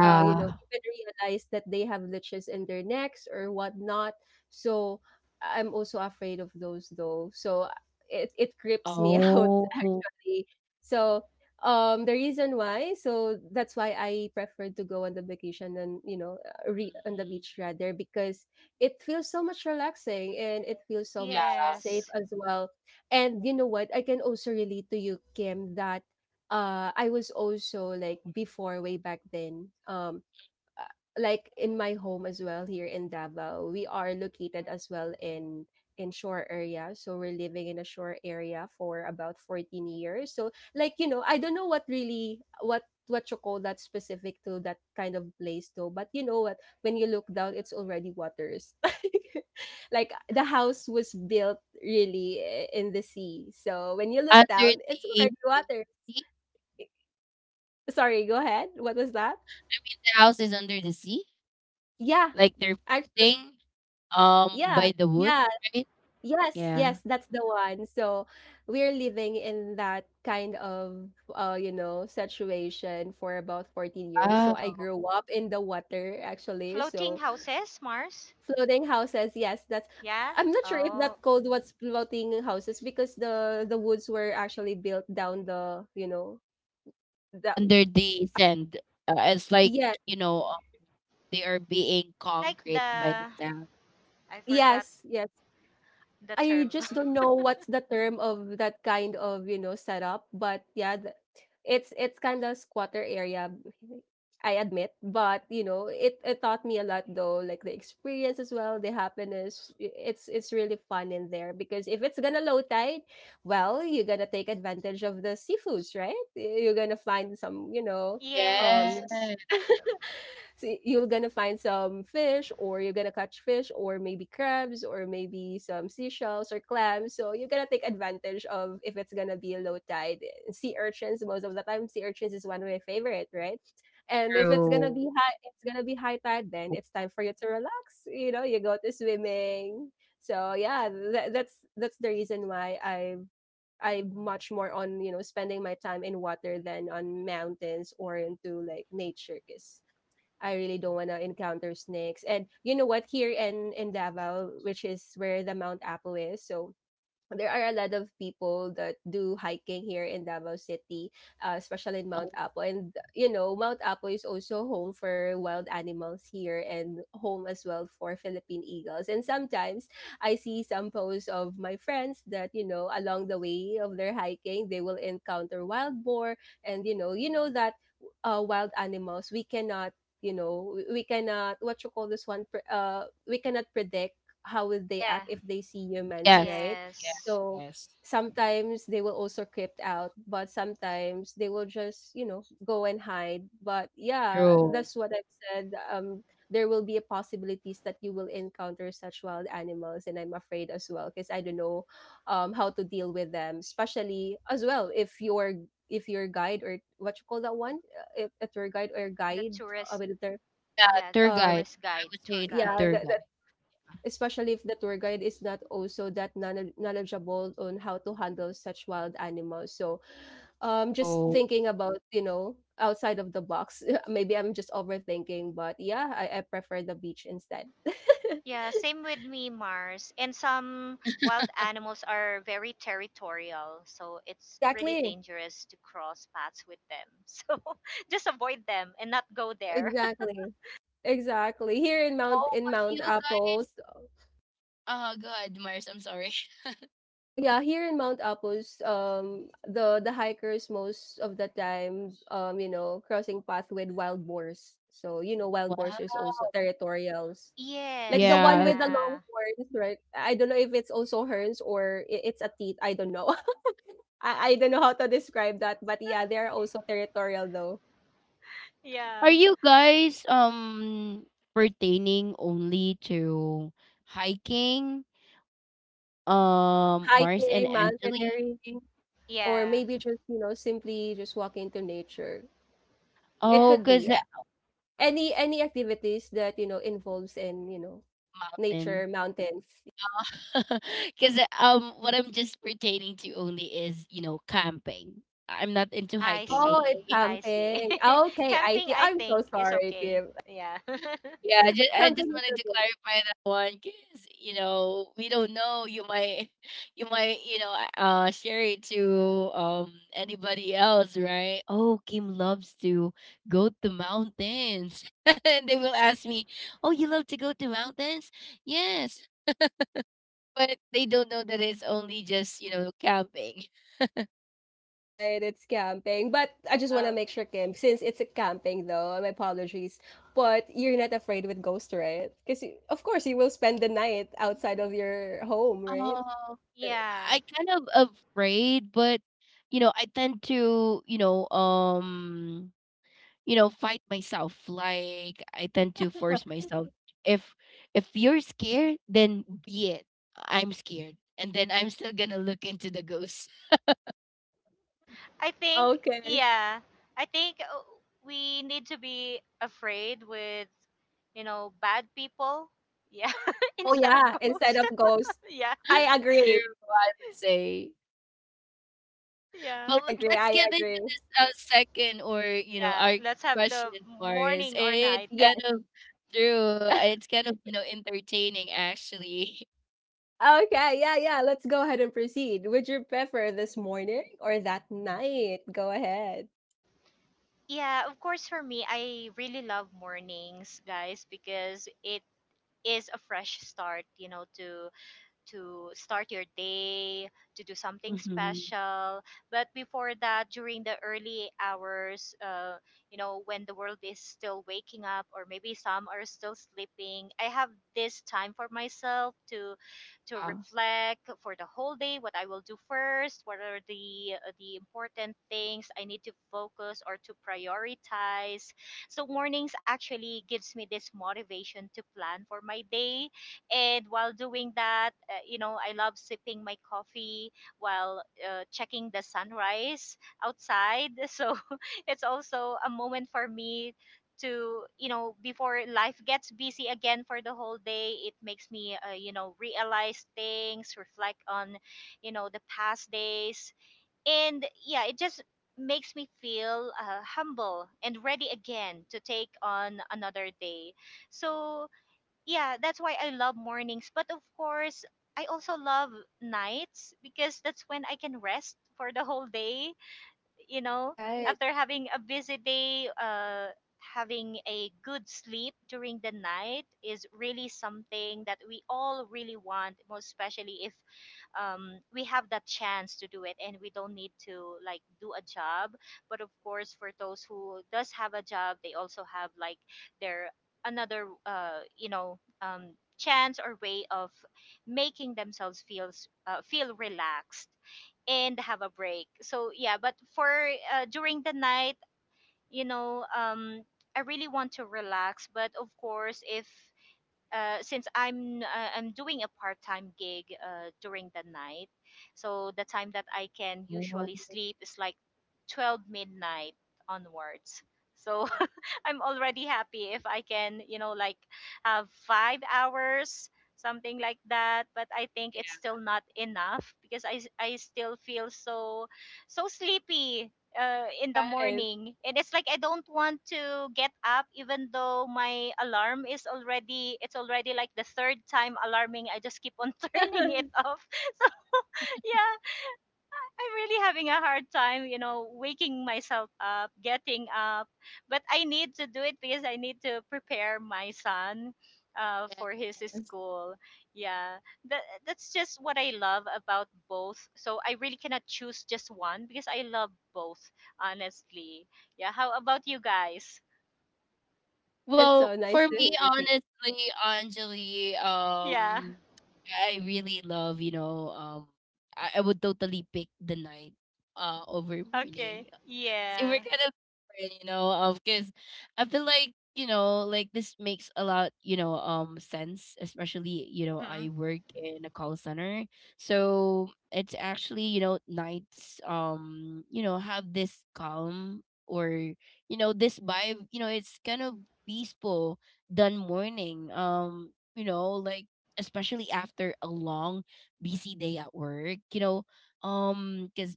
A: you know, even realize that they have liches in their necks or whatnot. So I'm also afraid of those though. So it creeps me [LAUGHS] out
C: Oh.
A: actually. So the reason why, so that's why I prefer to go on the vacation, and you know, on the beach rather, because it feels so much relaxing and it feels so much safe
B: Yes.
A: as well. And you know what, I can also relate to you, Kim, that I was also like before, way back then, uh, like in my home as well here in Davao, we are located as well in shore area. So we're living in a shore area for about 14 years. So like, you know, I don't know what really what you call that specific to that kind of place though. But you know what? When you look down, it's already waters. [LAUGHS] Like the house was built really in the sea. So when you look
C: Under the
A: down, it's
C: sea.
A: already water. Sorry, go ahead. What was that?
C: I mean, the house is under the sea.
A: Yeah,
C: Like they're
A: actually,
C: thing
A: yeah,
C: by the wood,
A: yeah.
C: right?
A: Yes,
C: Yeah.
A: yes, that's the one. So we're living in that kind of you know, situation for about 14 years. So I
C: Wow.
A: grew up in the water actually.
B: Floating
A: So
B: houses, Mars?
A: floating houses, yes, that's
B: Yeah.
A: I'm not sure if
B: Oh.
A: that called what's floating houses because the woods were actually built down the, you know,
C: Yeah,
A: the
C: under the sand. It's like,
A: yeah,
C: you know, they are being
B: Like
C: concrete by the
B: the.
C: sand.
B: I forgot
A: yes, yes.
B: the
A: I
B: term. [LAUGHS]
A: just don't know what's the term of that kind of, you know, setup, but yeah, it's kind of squatter area, I admit, but you know, it taught me a lot though, like the experience as well, the happiness. It's really fun in there because if it's gonna low tide, well, you're gonna take advantage of the seafoods, right? You're gonna find some, you know, um
B: Yes.
C: Yes.
A: so you're gonna find some fish, or you're gonna catch fish, or maybe crabs, or maybe some seashells or clams. So you're gonna take advantage of if it's gonna be a low tide. Sea urchins, most of the time, sea urchins is one of my favorite, right? And if it's
C: True.
A: gonna be high, it's gonna be high tide. Then it's time for you to relax. You know, you go to swimming. So yeah, that's the reason why I'm much more on you know spending my time in water than on mountains or into like nature, 'cause I really don't want to encounter snakes. And you know what? Here in Davao, which is where the Mount Apo is, so there are a lot of people that do hiking here in Davao City, especially in
C: Oh,
A: Mount Apo. And, you know, Mount Apo is also home for wild animals here and home as well for Philippine eagles. And sometimes I see some posts of my friends that, you know, along the way of their hiking, they will encounter wild boar. And, you know that wild animals, we cannot, you know, we cannot, what you call this one, we cannot predict how will they
B: Yeah.
A: act if they see humans,
C: yes.
A: right?
C: Yes,
B: Yes.
A: So
C: yes.
A: sometimes they will also creep out, but sometimes they will just, you know, go and hide. But yeah,
C: True.
A: that's what I've said. There will be a possibilities that you will encounter such wild animals, and I'm afraid as well because I don't know how to deal with them, especially as well if your guide or what you call that one, uh, if a tour guide or
B: The
A: guide
B: tourist.
A: with a tour,
C: Yeah,
B: Yeah.
C: tour
A: uh,
C: guide.
B: Tourist
C: I
B: guide.
C: would
B: Tour
C: say it's the
B: guide.
A: yeah,
C: tour
A: that,
C: guide.
A: especially if the tour guide is not also that knowledgeable on how to handle such wild animals. So, just
C: True.
A: thinking about you know outside of the box. [LAUGHS] Maybe I'm just overthinking, but yeah, I prefer the beach instead. [LAUGHS]
B: Yeah. Same with me, Mars. And some wild animals are very territorial. So it's really
A: Exactly,
B: dangerous to cross paths with them. [LAUGHS] So just avoid them and not go there.
A: exactly, exactly. Here in
C: Oh, because
A: Mount
C: you
A: Apples.
C: guys. Oh, God, Mars, I'm sorry. [LAUGHS]
A: Oh yeah, here in Mount Apos, the hikers most of the time, you know, crossing path with wild boars. So you know, wild boars is
C: Wow.
A: also territorials,
B: [LAUGHS]
A: like the
B: Yes.
A: one
C: Yeah.
A: with the long
B: Yeah.
A: horns, right? I don't know if it's also horns or it's a teeth. I don't know. [LAUGHS] I don't know how to describe that, but yeah, they are also territorial though.
C: Are
B: Yeah.
C: you guys pertaining only to hiking?
A: Well,
C: Mars and
A: hiking,
C: Angeli?
A: mountaineering, or
B: Yeah.
A: maybe just you know simply just walking to nature. It
C: Oh,
B: Yeah.
A: could
C: cause
A: be
C: the
A: any activities that you know involves in you know
C: mountain.
A: nature, mountains.
C: [LAUGHS] Because what I'm just pertaining to only is you know camping. I'm not into
B: I
C: hiking.
A: Oh,
B: see.
A: it's
C: Okay. [LAUGHS]
B: I see.
A: camping.
B: [LAUGHS]
A: Okay, I
B: Camping,
A: see.
B: I
A: I'm so
B: think, is
A: sorry,
B: okay.
A: Kim.
B: Yeah. [LAUGHS]
C: Yeah,
A: Ah,
C: I just
A: camping is
C: wanted to
A: okay.
C: clarify that one because you know we don't know. You might [LAUGHS] you might you know share it to anybody else, right? Oh, Kim loves to go to mountains, [LAUGHS] and they will ask me, "Oh, you love to go to mountains?" Yes, but they don't know that it's only just you know camping.
A: Right, it's camping. But I just want to
B: Uh,
A: make sure, Kim, since it's a camping though, my apologies. But you're not afraid with ghosts, right? Because of course you will spend the night outside of your home, right? Uh,
B: Yeah.
C: I kind of afraid, but you know, I tend to, you know, fight myself. Like I tend to force myself. If if you're scared, then be it. I'm scared, and then I'm still gonna look into the ghost.
B: I think
A: okay.
B: yeah. I think we need to be afraid with bad people. Yeah, [LAUGHS]
A: Oh
B: instead of
A: yeah, instead
B: ghosts.
A: of ghosts.
B: [LAUGHS] Yeah.
A: I
C: [LAUGHS] True,
A: agree.
C: I would say.
B: Yeah.
A: I
C: Well,
A: agree.
C: let's
A: I
C: get
A: agree.
C: into this second or you know
B: Yeah,
C: our
B: let's have the
C: question, Mars.
B: morning or
C: It's
B: night.
C: kind
A: Yes.
C: of true.
A: [LAUGHS]
C: It's kind of you know entertaining actually.
A: Okay, yeah, yeah. Let's go ahead and proceed. Would you prefer this morning or that night? Go ahead.
B: Yeah, of course for me I really love mornings, guys, because it is a fresh start, to start your day, to do something
C: [LAUGHS] Hmm.
B: special. But before that, during the early hours, when the world is still waking up, or maybe some are still sleeping, I have this time for myself to
C: Yeah.
B: reflect for the whole day what I will do first, what are the important things I need to focus or to prioritize. So mornings actually gives me this motivation to plan for my day, and while doing that, I love sipping my coffee while checking the sunrise outside. [LAUGHS] So it's also a moment for me to, before life gets busy again for the whole day, it makes me, realize things, reflect on, the past days. And yeah, it just makes me feel humble and ready again to take on another day. So yeah, that's why I love mornings. But of course, I also love nights because that's when I can rest for the whole day, you know,
A: Right,
B: after having a busy day, having a good sleep during the night is really something that we all really want, most especially if we have that chance to do it and we don't need to like do a job. But of course, for those who does have a job, they also have like their another, chance or way of making themselves feel relaxed and have a break. So yeah, but for during the night, you know, um, I really want to relax. But of course, if since I'm doing a part time gig during the night, so the time that I can
C: Oh,
B: usually sleep is like 12 midnight onwards. So I'm already happy if I can, like have 5 hours, something like that. But I think it's
C: yeah.
B: still not enough because I still feel so, so sleepy in the
A: right.
B: morning. And it's like I don't want to get up even though my alarm it's already like the third time alarming. I just keep on [LAUGHS] turning it
A: [LAUGHS]
B: off. [LAUGHS] So yeah, I'm really having a hard time, waking myself up, getting up. But I need to do it because I need to prepare my son for his
C: Yes.
B: school. Yeah, that's just what I love about both. So I really cannot choose just one because I love both, honestly. Yeah, how about you guys?
A: It's
C: Well,
A: so nice
C: for
A: to
C: me,
A: hear. Ki-
C: honestly, Anjali,
B: [LAUGHS] Yeah,
C: I really love, you know, I would totally pick the night over morning.
B: okay.
C: So we're
B: Yeah.
C: kind of different, you know, because I feel like, you know, like this makes a lot, you know, sense, especially, you know,
B: Mm-hmm.
C: I work in a call center. So it's actually, you know, nights, you know, have this calm or you know this vibe, you know it's kind of peaceful than morning. You know, like especially after a long busy day at work, you know, cuz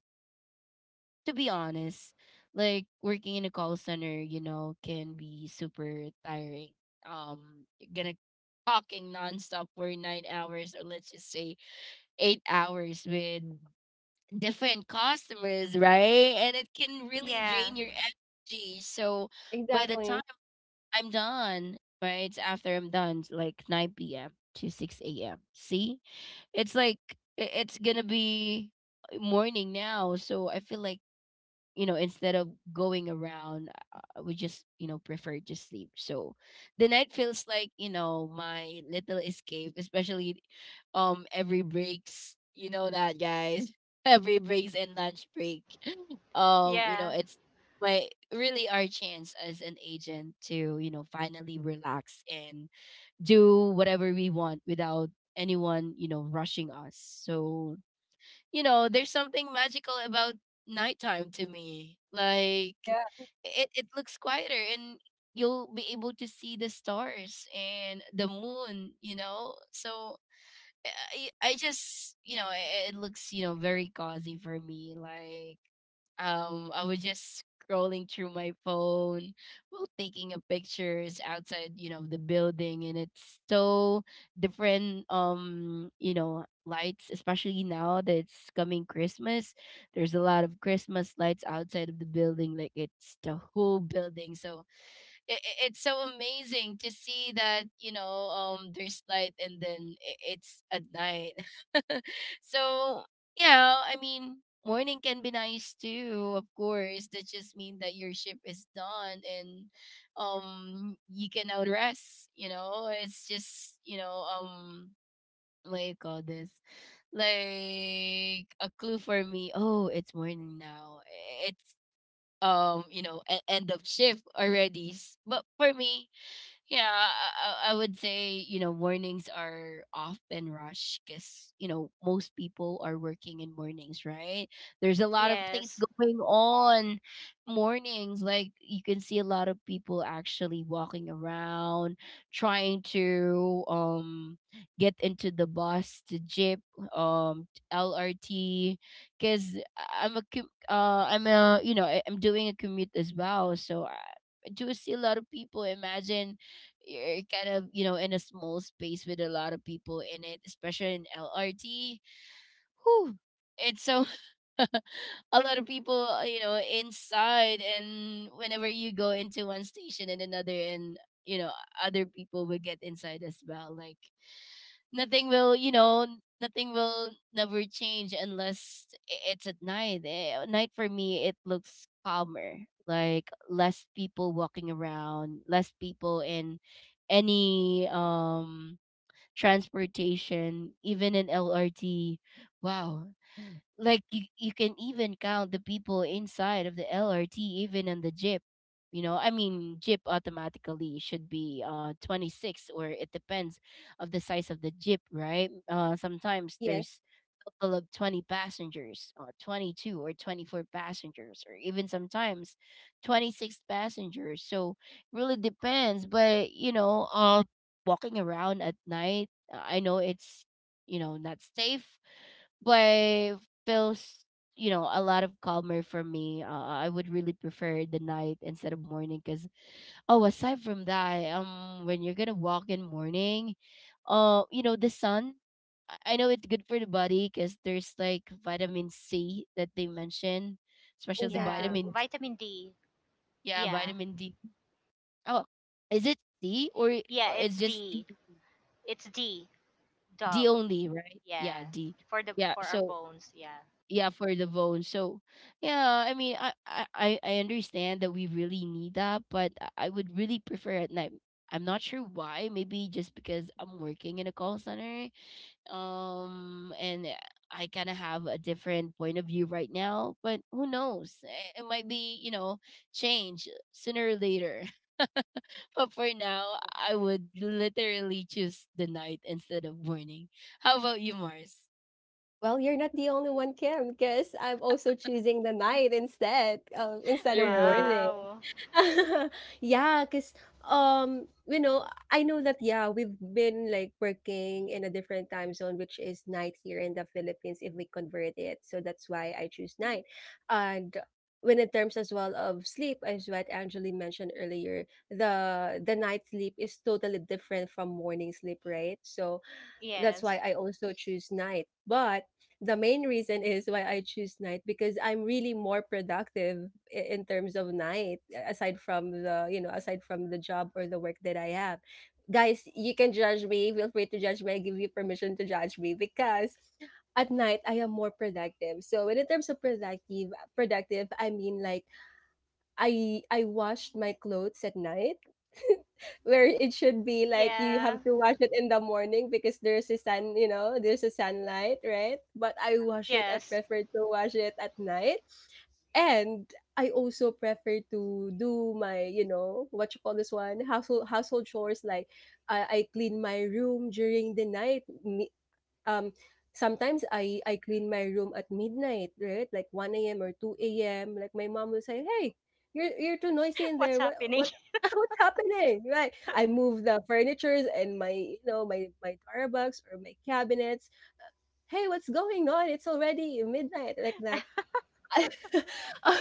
C: to be honest, like working in a call center, you know, can be super tiring. You're gonna talking nonstop for 9 hours or let's just say 8 hours with different customers, right? And it can really
B: Yeah,
C: drain your energy. So by the time
A: Exactly.
C: I'm done, right? It's after I'm done, like 9 p.m. to 6 a.m. See, it's like it's gonna be morning now, so I feel like you know, instead of going around, we just, you know, prefer to sleep. So the night feels like, you know, my little escape, especially every breaks. You know that, guys. [LAUGHS] Every breaks and lunch break. [GASPS] [LAUGHS] You know,
B: yeah,
C: it's my really our chance as an agent to, you know, finally relax and do whatever we want without anyone, you know, rushing us. So you know, there's something magical about nighttime to me. Like
A: Yeah,
C: it looks quieter and you'll be able to see the stars and the moon, you know? So I just you know it, it looks you know very cozy for me. Like I was just scrolling through my phone while taking a pictures outside, you know, the building, and it's so different, you know, lights, especially now that it's coming Christmas, there's a lot of Christmas lights outside of the building, like it's the whole building. So it, it's so amazing to see that, you know, there's light, and then it's at night. [LAUGHS] So yeah, I mean, morning can be nice too, of course. That just mean that your shift is done and you can now rest, you know. It's just, you know, what you call this, like a clue for me. Oh, it's morning now. It's you know, end of shift already. But for me, yeah, I I would say, you know, mornings are often rush because, you know, most people are working in mornings, right? There's a lot of things
B: yes,
C: going on mornings. Like you can see a lot of people actually walking around, trying to get into the bus, to jeep, um LRT, because I'm a you know I'm doing a commute as well, so I do see a lot of people. Imagine you're kind of you know in a small space with a lot of people in it, especially in LRT. Whew. It's so [LAUGHS] a lot of people you know, inside, and whenever you go into one station and another, and you know other people will get inside as well. Like nothing will, you know, nothing will never change unless it's at night. Eh, at night for me it looks calmer, like less people walking around, less people in any transportation, even in LRT. Wow. Like you can even count the people inside of the LRT, even on the jeep. You know, I mean, jeep automatically should be 26, or it depends of the size of the jeep, right? Sometimes
A: Yes,
C: there's total of 20 passengers or 22 or 24 passengers or even sometimes 26 passengers, so really depends. But you know, walking around at night, I know it's, you know, not safe, but feels, you know, a lot of calmer for me. I would really prefer the night instead of morning because... oh, aside from that, when you're gonna walk in morning, you know, the sun. I know it's good for the body because there's like vitamin c that they mention, especially the
B: yeah.
A: exactly.
C: vitamin D.
B: Vitamin D.
C: Yeah,
B: Yeah.
C: vitamin d. oh is it d
B: Yeah,
C: or it's
B: it's
C: just d?
B: D. It's D,
C: D
B: dog.
C: only, right?
B: Yeah.
C: Yeah, d.
B: For the
C: Yeah,
B: for our
C: so
B: bones, yeah.
C: yeah, for the bones. So yeah, I mean, I understand that we really need that, but I would really prefer at night. I'm not sure why, maybe just because I'm working in a call center. And I kind of have a different point of view right now, but who knows? It might be, you know, change sooner or later. [LAUGHS] But for now, I would literally choose the night instead of morning. How about you, Mars?
A: Well, you're not the only one, Kim, because I'm also choosing the night instead of
C: True.
A: morning.
B: Wow.
A: [LAUGHS] Yeah, cause you know, I know that yeah, we've been like working in a different time zone, which is night here in the Philippines if we convert it. So that's why I choose night. And when in terms as well of sleep, as what Angeli mentioned earlier, the night sleep is totally different from morning sleep, right? So that's
B: Yes.
A: why I also choose night. But the main reason is why I choose night because I'm really more productive in terms of night aside from the, you know, aside from the job or the work that I have. Guys, you can judge me. Feel free to judge me. I give you permission to judge me because at night I am more productive. So when in terms of productive, I mean like I washed my clothes at night. [LAUGHS] Where it should be like you
B: Yeah.
A: have to wash it in the morning because there's a sun, you know, there's a sunlight, right? But I wash it, I
B: Yes.
A: prefer to wash it at night. And I also prefer to do my, you know, what you call this one, household chores like I clean my room during the night. Um sometimes I clean my room at midnight, right? Like 1 a.m. or 2 a.m. Like my mom will say, "Hey, you're too noisy
B: [LAUGHS]
A: in
B: What's
A: there.
B: happening?
A: What [LAUGHS] what's happening?" Right? I move the furnitures and my you know my Starbucks or my cabinets. Hey, what's going on? It's already midnight like that. I- [LAUGHS]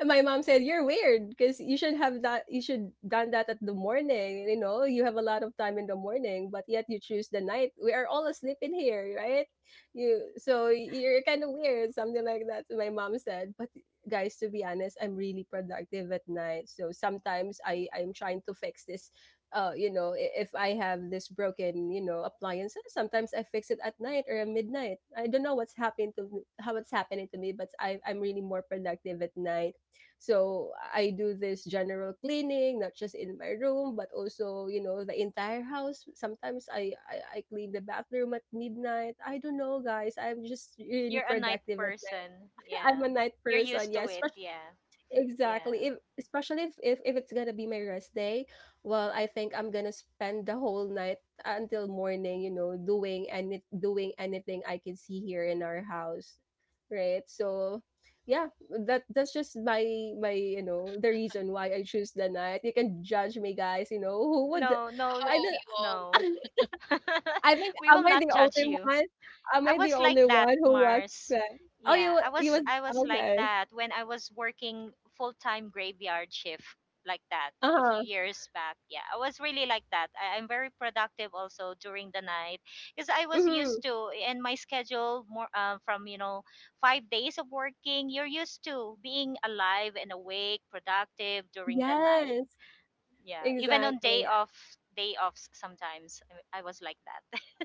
A: And my mom said, "You're weird because you should have that. You should done that at the morning. You know, you have a lot of time in the morning, but yet you choose the night. We are all asleep in here, right? You so you're kind of weird, something like that." My mom said, "But guys, to be honest, I'm really productive at night. So sometimes I'm trying to fix this you know, if I have this broken, you know, appliance, sometimes I fix it at night or at midnight. I don't know what's how it's happening to me, but I'm really more productive at night. So I do this general cleaning, not just in my room, but also, you know, the entire house. Sometimes I clean the bathroom at midnight. I don't know, guys. I'm just
B: [LAUGHS]
A: really
B: You're a night
A: productive at night.
B: person.
A: [LAUGHS] I'm a
B: Yeah.
A: night
B: You're used
A: person,
B: to
A: yes,
B: it. Yeah.
A: exactly.
B: Yeah.
A: If especially if, if it's gonna be my rest day, well, I think I'm gonna spend the whole night until morning, you know, doing any doing anything I can see here in our house, right? So, yeah, that's just my you know the reason why I choose the night. You can judge me, guys. You know [LAUGHS] who would
B: No, no,
A: I?
C: Oh,
A: Don't
C: we all...
B: no.
A: [LAUGHS]
B: [LAUGHS]
A: I think
B: We
A: am
B: will
A: I
B: not
A: the
B: judge
A: only
B: you.
A: one? Am
B: I
A: I the
B: was like
A: only
B: that,
A: one who was
B: Mars.
A: that? Oh,
B: Yeah,
A: you you was
B: I was like
A: okay.
B: that when I was working full-time graveyard shift like that
A: Uh
B: a few
A: huh.
B: years back. Yeah, I was really like that. I'm very productive also during the night because I was
A: Mm-hmm.
B: used to, and my schedule more from 5 days of working. You're used to being alive and awake, productive during the night.
A: Yes.
B: Yeah, even on day
A: Exactly,
B: off, day offs sometimes I was like that. [LAUGHS]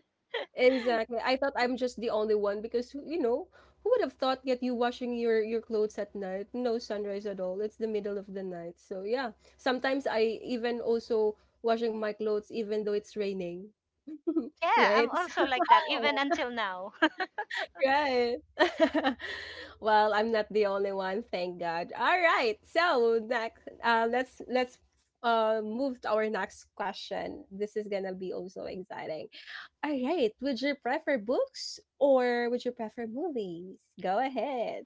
A: exactly. I thought I'm just the only one because you know who would have thought that you washing your clothes at night? No sunrise at all. It's the middle of the night. So yeah, sometimes I even also washing my clothes even though it's raining, [LAUGHS]
B: Yeah, I'm
A: right? So,
B: also like that even
C: Wow.
B: until now.
A: right. [LAUGHS] Well, I'm not the only one, thank God. All right, so next, let's move to our next question. This is gonna be also exciting. All right. Would you prefer books or would you prefer movies? Go ahead.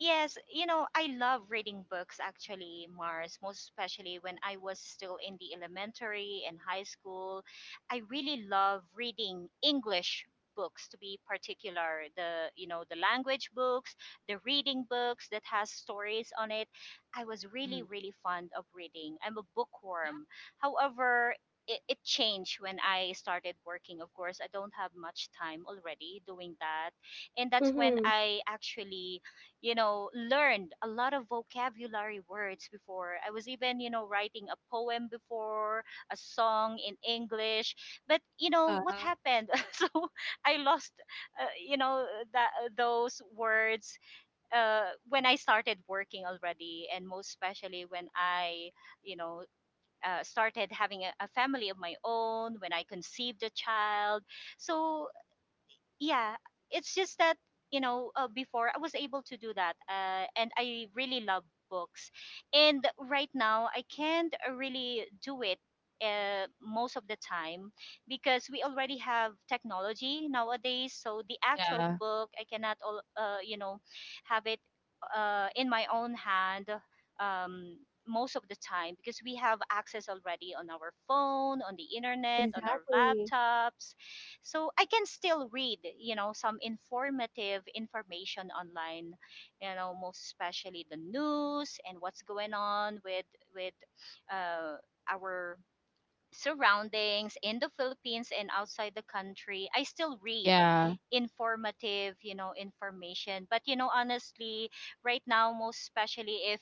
B: Yes, I love reading books actually, Mars, most especially when I was still in the elementary and high school. I really love reading English books to be particular, the language books, the reading books that has stories on it. I was really,
C: Mhm.
B: really fond of reading. I'm a bookworm. However, it changed when I started working. Of course, I don't have much time already doing that. And that's when
A: Mm-hmm.
B: I actually learned a lot of vocabulary words before. I was even, writing a poem before, a song in English. But, what
A: Wow.
B: happened? [LAUGHS] So I lost, you know, that those words when I started working already, and most especially when I, you know, started having a family of my own, when I conceived a child. So yeah, it's just that before I was able to do that, and I really love books. And right now, I can't really do it most of the time because we already have technology nowadays. So the actual
C: Yeah,
B: book I cannot all have it in my own hand, um, most of the time because we have access already on our phone, on the internet, on our
A: Exactly.
B: laptops. So I can still read, some informative information online, most especially the news and what's going on with with uh, our surroundings in the Philippines and outside the country. I still read
C: yeah,
B: informative, information. But honestly, right now, most especially if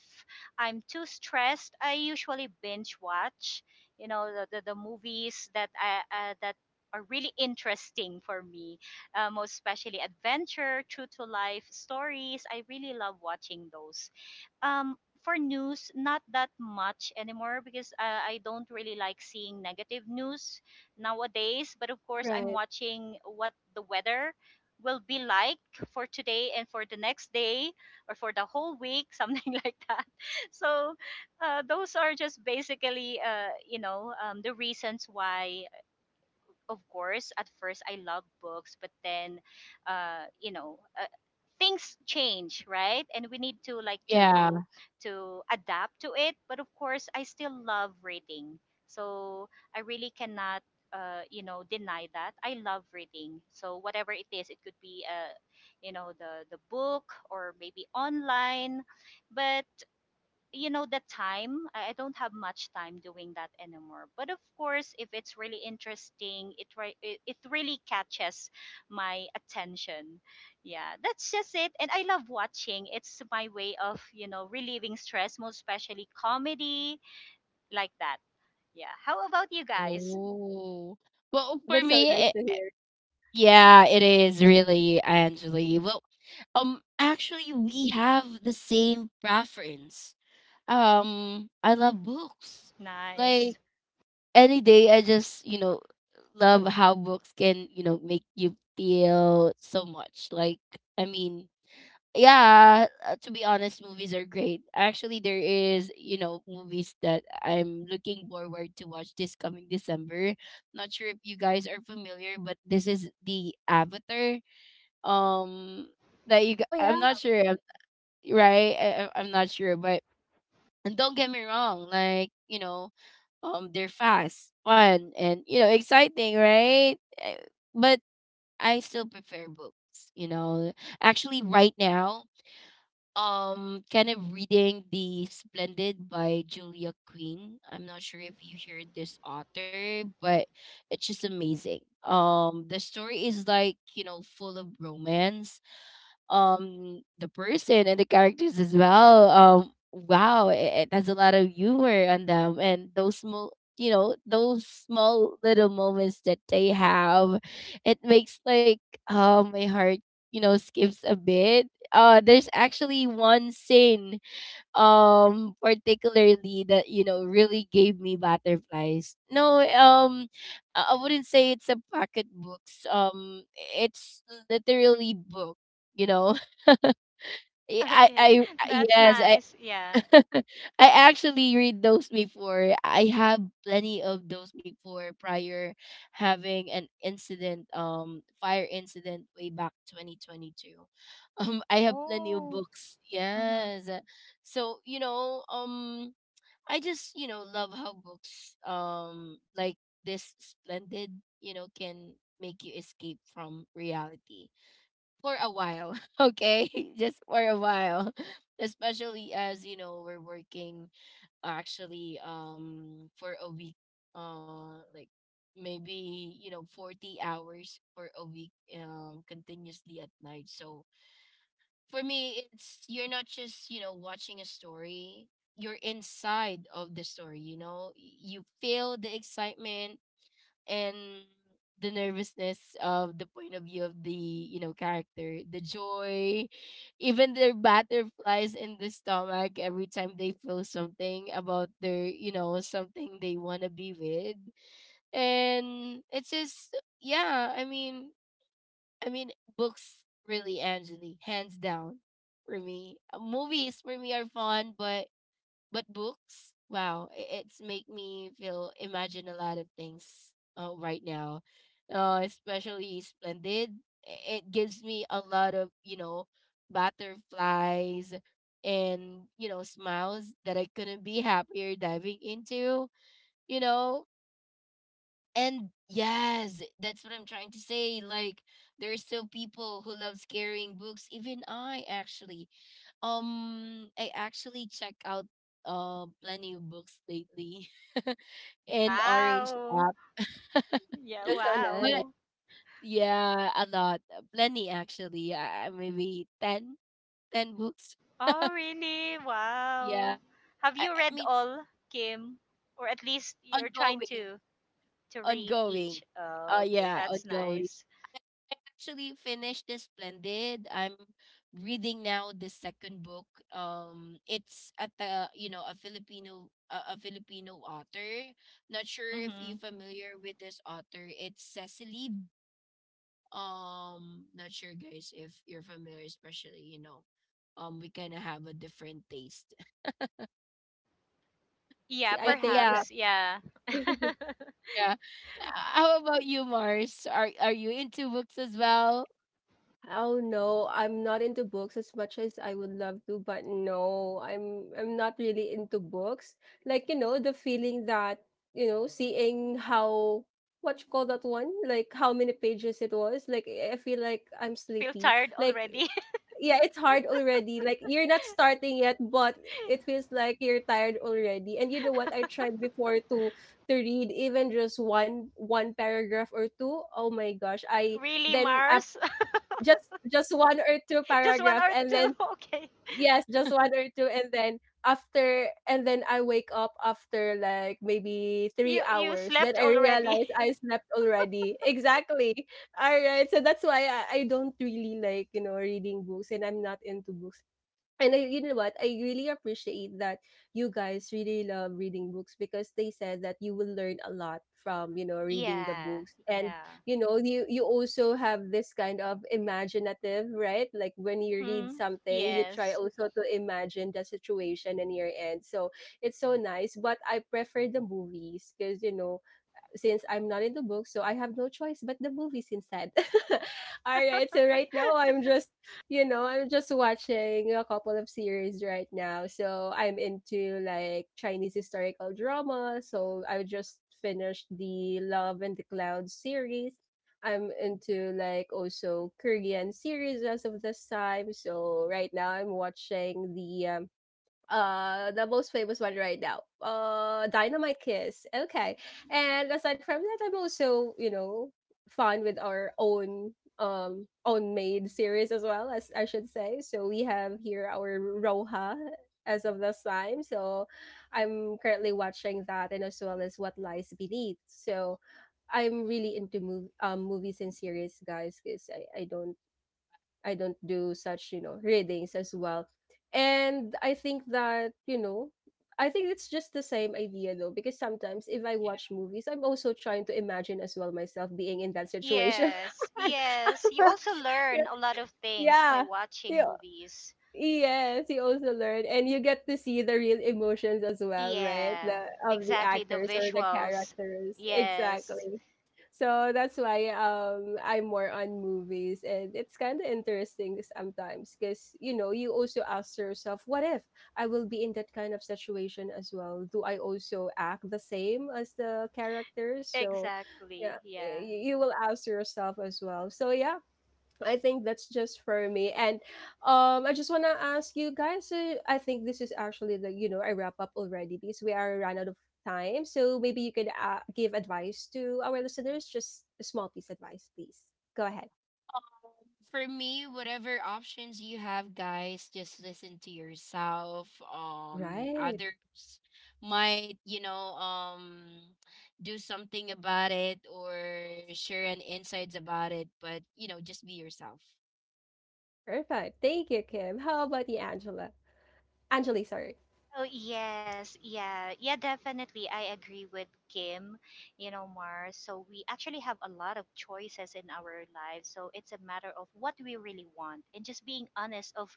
B: I'm too stressed, I usually binge watch, the movies that are really interesting for me, most especially adventure, true to life stories. I really love watching those um for news, not that much anymore because I don't really like seeing negative news nowadays, but of course I'm
A: Right.
B: watching what the weather will be like for today and for the next day or for the whole week, [LAUGHS] something like that. So those are just basically the reasons why. Of course, at first I loved books, but then, uh, you know, uh, things change, right? And we need to like
C: yeah.
B: to adapt to it. But of course, I still love reading, so I really cannot deny that I love reading. So whatever it is, it could be the book or maybe online, but the time I don't have much time doing that anymore. But of course, if it's really interesting, it re- it really catches my attention. Yeah, that's just it. And I love watching. It's my way of relieving stress, most especially comedy like that. Yeah, how about you guys?
C: Oh. Well, for
A: That's so
C: me,
A: nice to hear.
C: yeah, it is really, Angeli. Well, actually, we have the same preference. I love books. Like
B: Nice.
C: any day, I just, you know, love how books can, you know, make you feel so much. Like, I mean, yeah, to be honest, movies are great. Actually, there is, you know, movies that I'm looking forward to watch this coming December. Not sure if you guys are familiar, but this is the Avatar. Um, that
A: Oh
C: I'm
A: yeah,
C: not sure, right? I'm not sure, but and don't get me wrong, like you know, they're fast, fun, and you know, exciting, right? Uh, But I still prefer books. You know, actually, right now kind of reading The Splendid by Julia Quinn. I'm not sure if you heard this author, but it's just amazing. The story is like, you know, full of romance. The person and the characters as well. Wow, it has a lot of humor on them and those small, you know, those small little moments that they have. It makes like, my heart, you know, skips a bit. There's actually one scene, particularly, that, you know, really gave me butterflies. No, I wouldn't say it's a pocket books. It's literally book, you know.
B: [LAUGHS] Okay, that's
C: Yes, I.
B: nice. Yeah.
C: [LAUGHS] I actually read those before. I have plenty of those before, prior having an incident, fire incident, way back 2022. [LAUGHS] I have plenty of
B: Oh.
C: books.
B: Mhm.
C: Yes. So, you know, I just, you know, love how books, like this splendid, you know, can make you escape from reality for a while. [LAUGHS] Okay? [LAUGHS] Just for a while. [LAUGHS] Especially as, you know, we're working actually for a week, like maybe, you know, 40 hours for a week, continuously at night. So for me, it's you're not just, you know, watching a story, you're inside of the story, you know? You feel the excitement and the nervousness of the point of view of the, you know, character, the joy, even their butterflies in the stomach every time they feel something about their, you know, something they want to be with. And it's just... yeah, I mean, books really, Angeli, hands down for me. Movies for me are fun but books, wow, it's make me feel imagine a lot of things right now. Especially splendid. It gives me a lot of, you know, butterflies and, you know, smiles that I couldn't be happier diving into. You know, and yes, that's what I'm trying to say. Like there are still people who love carrying books. Even I, actually. I actually check out plenty of books lately [LAUGHS] in Orange
B: Wow.
C: app.
B: Yeah.
A: that's so
C: [LAUGHS]
A: nice.
C: But
B: Wow.
C: yeah, a lot. Plenty, actually. Maybe 10 books.
B: Oh, really?
C: Yeah.
B: Wow. Have you
C: I
B: read
C: mean it's
B: all, Kim? Or at least you're trying
C: ongoing.
B: to read
C: Ongoing.
B: each. Oh, okay,
C: Yeah,
B: that's
C: ongoing.
B: nice.
C: I actually finished The Splendid. I'm reading now the second book. It's at the, you know, a Filipino, a Filipino author. Not sure if you
B: Mm-hmm.
C: are familiar with this author. It's Cecily. Not sure guys if you're familiar, especially, you know, we kind of have a different taste. [LAUGHS]
A: I
B: Yeah,
A: see.
C: But
A: I think
C: yeah,
B: perhaps. Yeah.
A: that. [LAUGHS]
C: yeah. How about you, Mars? Are you into books as well?
A: Oh no, I'm not into books as much as I would love to, but no, I'm not really into books. Like you know, the feeling that you know, seeing how what you call that one, like how many pages it was. Like I feel like I'm
B: You feel
A: sleepy.
B: tired
A: Like
B: already?
A: yeah, it's hard already. Like you're not starting yet, but it feels like you're tired already. And you know what? I tried before to read even just one paragraph or two. Oh my gosh. I
B: [LAUGHS] Really,
A: then
B: Mars?
A: just one or two
B: [LAUGHS] Just one
A: paragraph
B: or
A: and
B: two?
A: then
B: [LAUGHS] Okay.
A: yes, just one or two, and then and then I wake up after like maybe three
B: You
A: hours. Then
B: slept
A: I
B: already?
A: realize I
B: [LAUGHS]
A: slept already. Exactly. All right. So that's why I don't really like, you know, reading books and I'm not into books. And I, you know what? I really appreciate that you guys really love reading books because they said that you will learn a lot from, reading the
B: Yeah.
A: books. And,
B: Yeah.
A: you know, you also have this kind of imaginative, right? Like when you read
B: Mm-hmm.
A: something, you try
B: Yes.
A: also to imagine the situation in your end. So it's so nice. But I prefer the movies because, since I'm not into books, so I have no choice but the movies instead. [LAUGHS] All right, so right now
B: [LAUGHS]
A: I'm just watching a couple of series right now. So I'm into like Chinese historical drama. So I just finished the Love and the Cloud series. I'm into like also Korean series as of this time. So right now I'm watching the the most famous one right now, Dynamite Kiss. Okay, and aside from that, I'm also fun with our own, own made series as well, as I should say. So we have here our Roha as of this time, so I'm currently watching that, and as well as What Lies Beneath. So I'm really into movies and series, guys, because I don't do such, readings as well. And I think that, I think it's just the same idea though, because sometimes if I watch movies, I'm also trying to imagine as well myself being in that situation.
B: Yes, yes. You
A: [LAUGHS]
B: also learn a lot of things by
A: Yeah.
B: watching
A: Yeah.
B: movies.
A: Yes, you also learn, and you get to see the real emotions as well, right?
B: Yeah,
A: The of the
B: exactly. The
A: actors or the
B: visuals.
A: characters,
B: Yes,
A: exactly. So that's why I'm more on movies, and it's kind of interesting sometimes because you know you also ask yourself, what if I will be in that kind of situation as well? Do I also act the same as the characters? So yeah,
B: exactly. Yeah.
A: you will ask yourself as well. So yeah, I think that's just for me. And I just wanna ask you guys, I think this is actually I wrap up already because we are run out of time. So maybe you could, give advice to our listeners, just a small piece advice, please. Go ahead.
C: For me, whatever options you have, guys, just listen to yourself.
A: Right.
C: Others might, you know, do something about it or share an insights about it, but you know, just be yourself.
A: Perfect. Thank you, Kim. How about you, Angela? Angeli, sorry.
B: Oh, yes. Yeah. Yeah, definitely. I agree with Kim, Mars. So we actually have a lot of choices in our lives. So it's a matter of what we really want and just being honest of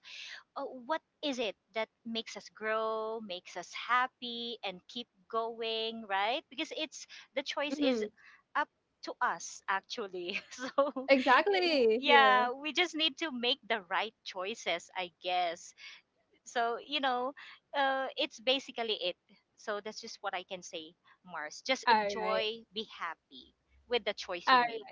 B: what is it that makes us grow, makes us happy, and keep going, right? Because it's the choice is
A: Mm-hmm.
B: up to us, actually. [LAUGHS] So, eh,
A: Exactly. Yeah.
B: yeah, we just need to make the right choices, I guess. So, it's basically it. So, that's just what I can say, Mars. Just
A: All right.
B: enjoy, be happy with the choice you
A: All
B: made.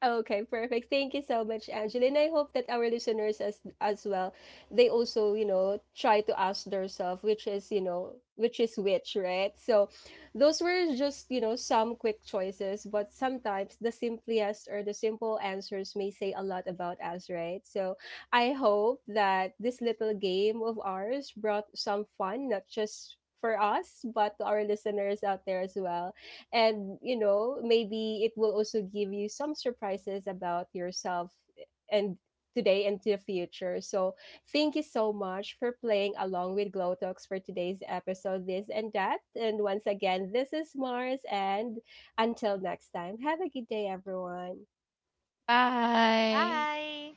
A: okay, perfect. Thank you so much, Angela. And I hope that our listeners as well, they also, try to ask themselves which is, which is which, right? So those were just, some quick choices, but sometimes the simplest or the simple answers may say a lot about us, right? So I hope that this little game of ours brought some fun, not just for us, but to our listeners out there as well. And you know, maybe it will also give you some surprises about yourself, eh, and today and to the future. So thank you so much for playing along with Glow Talks for today's episode, This and That. And once again, this is Mars, and until next time, have a good day, everyone.
C: Bye.
B: Bye.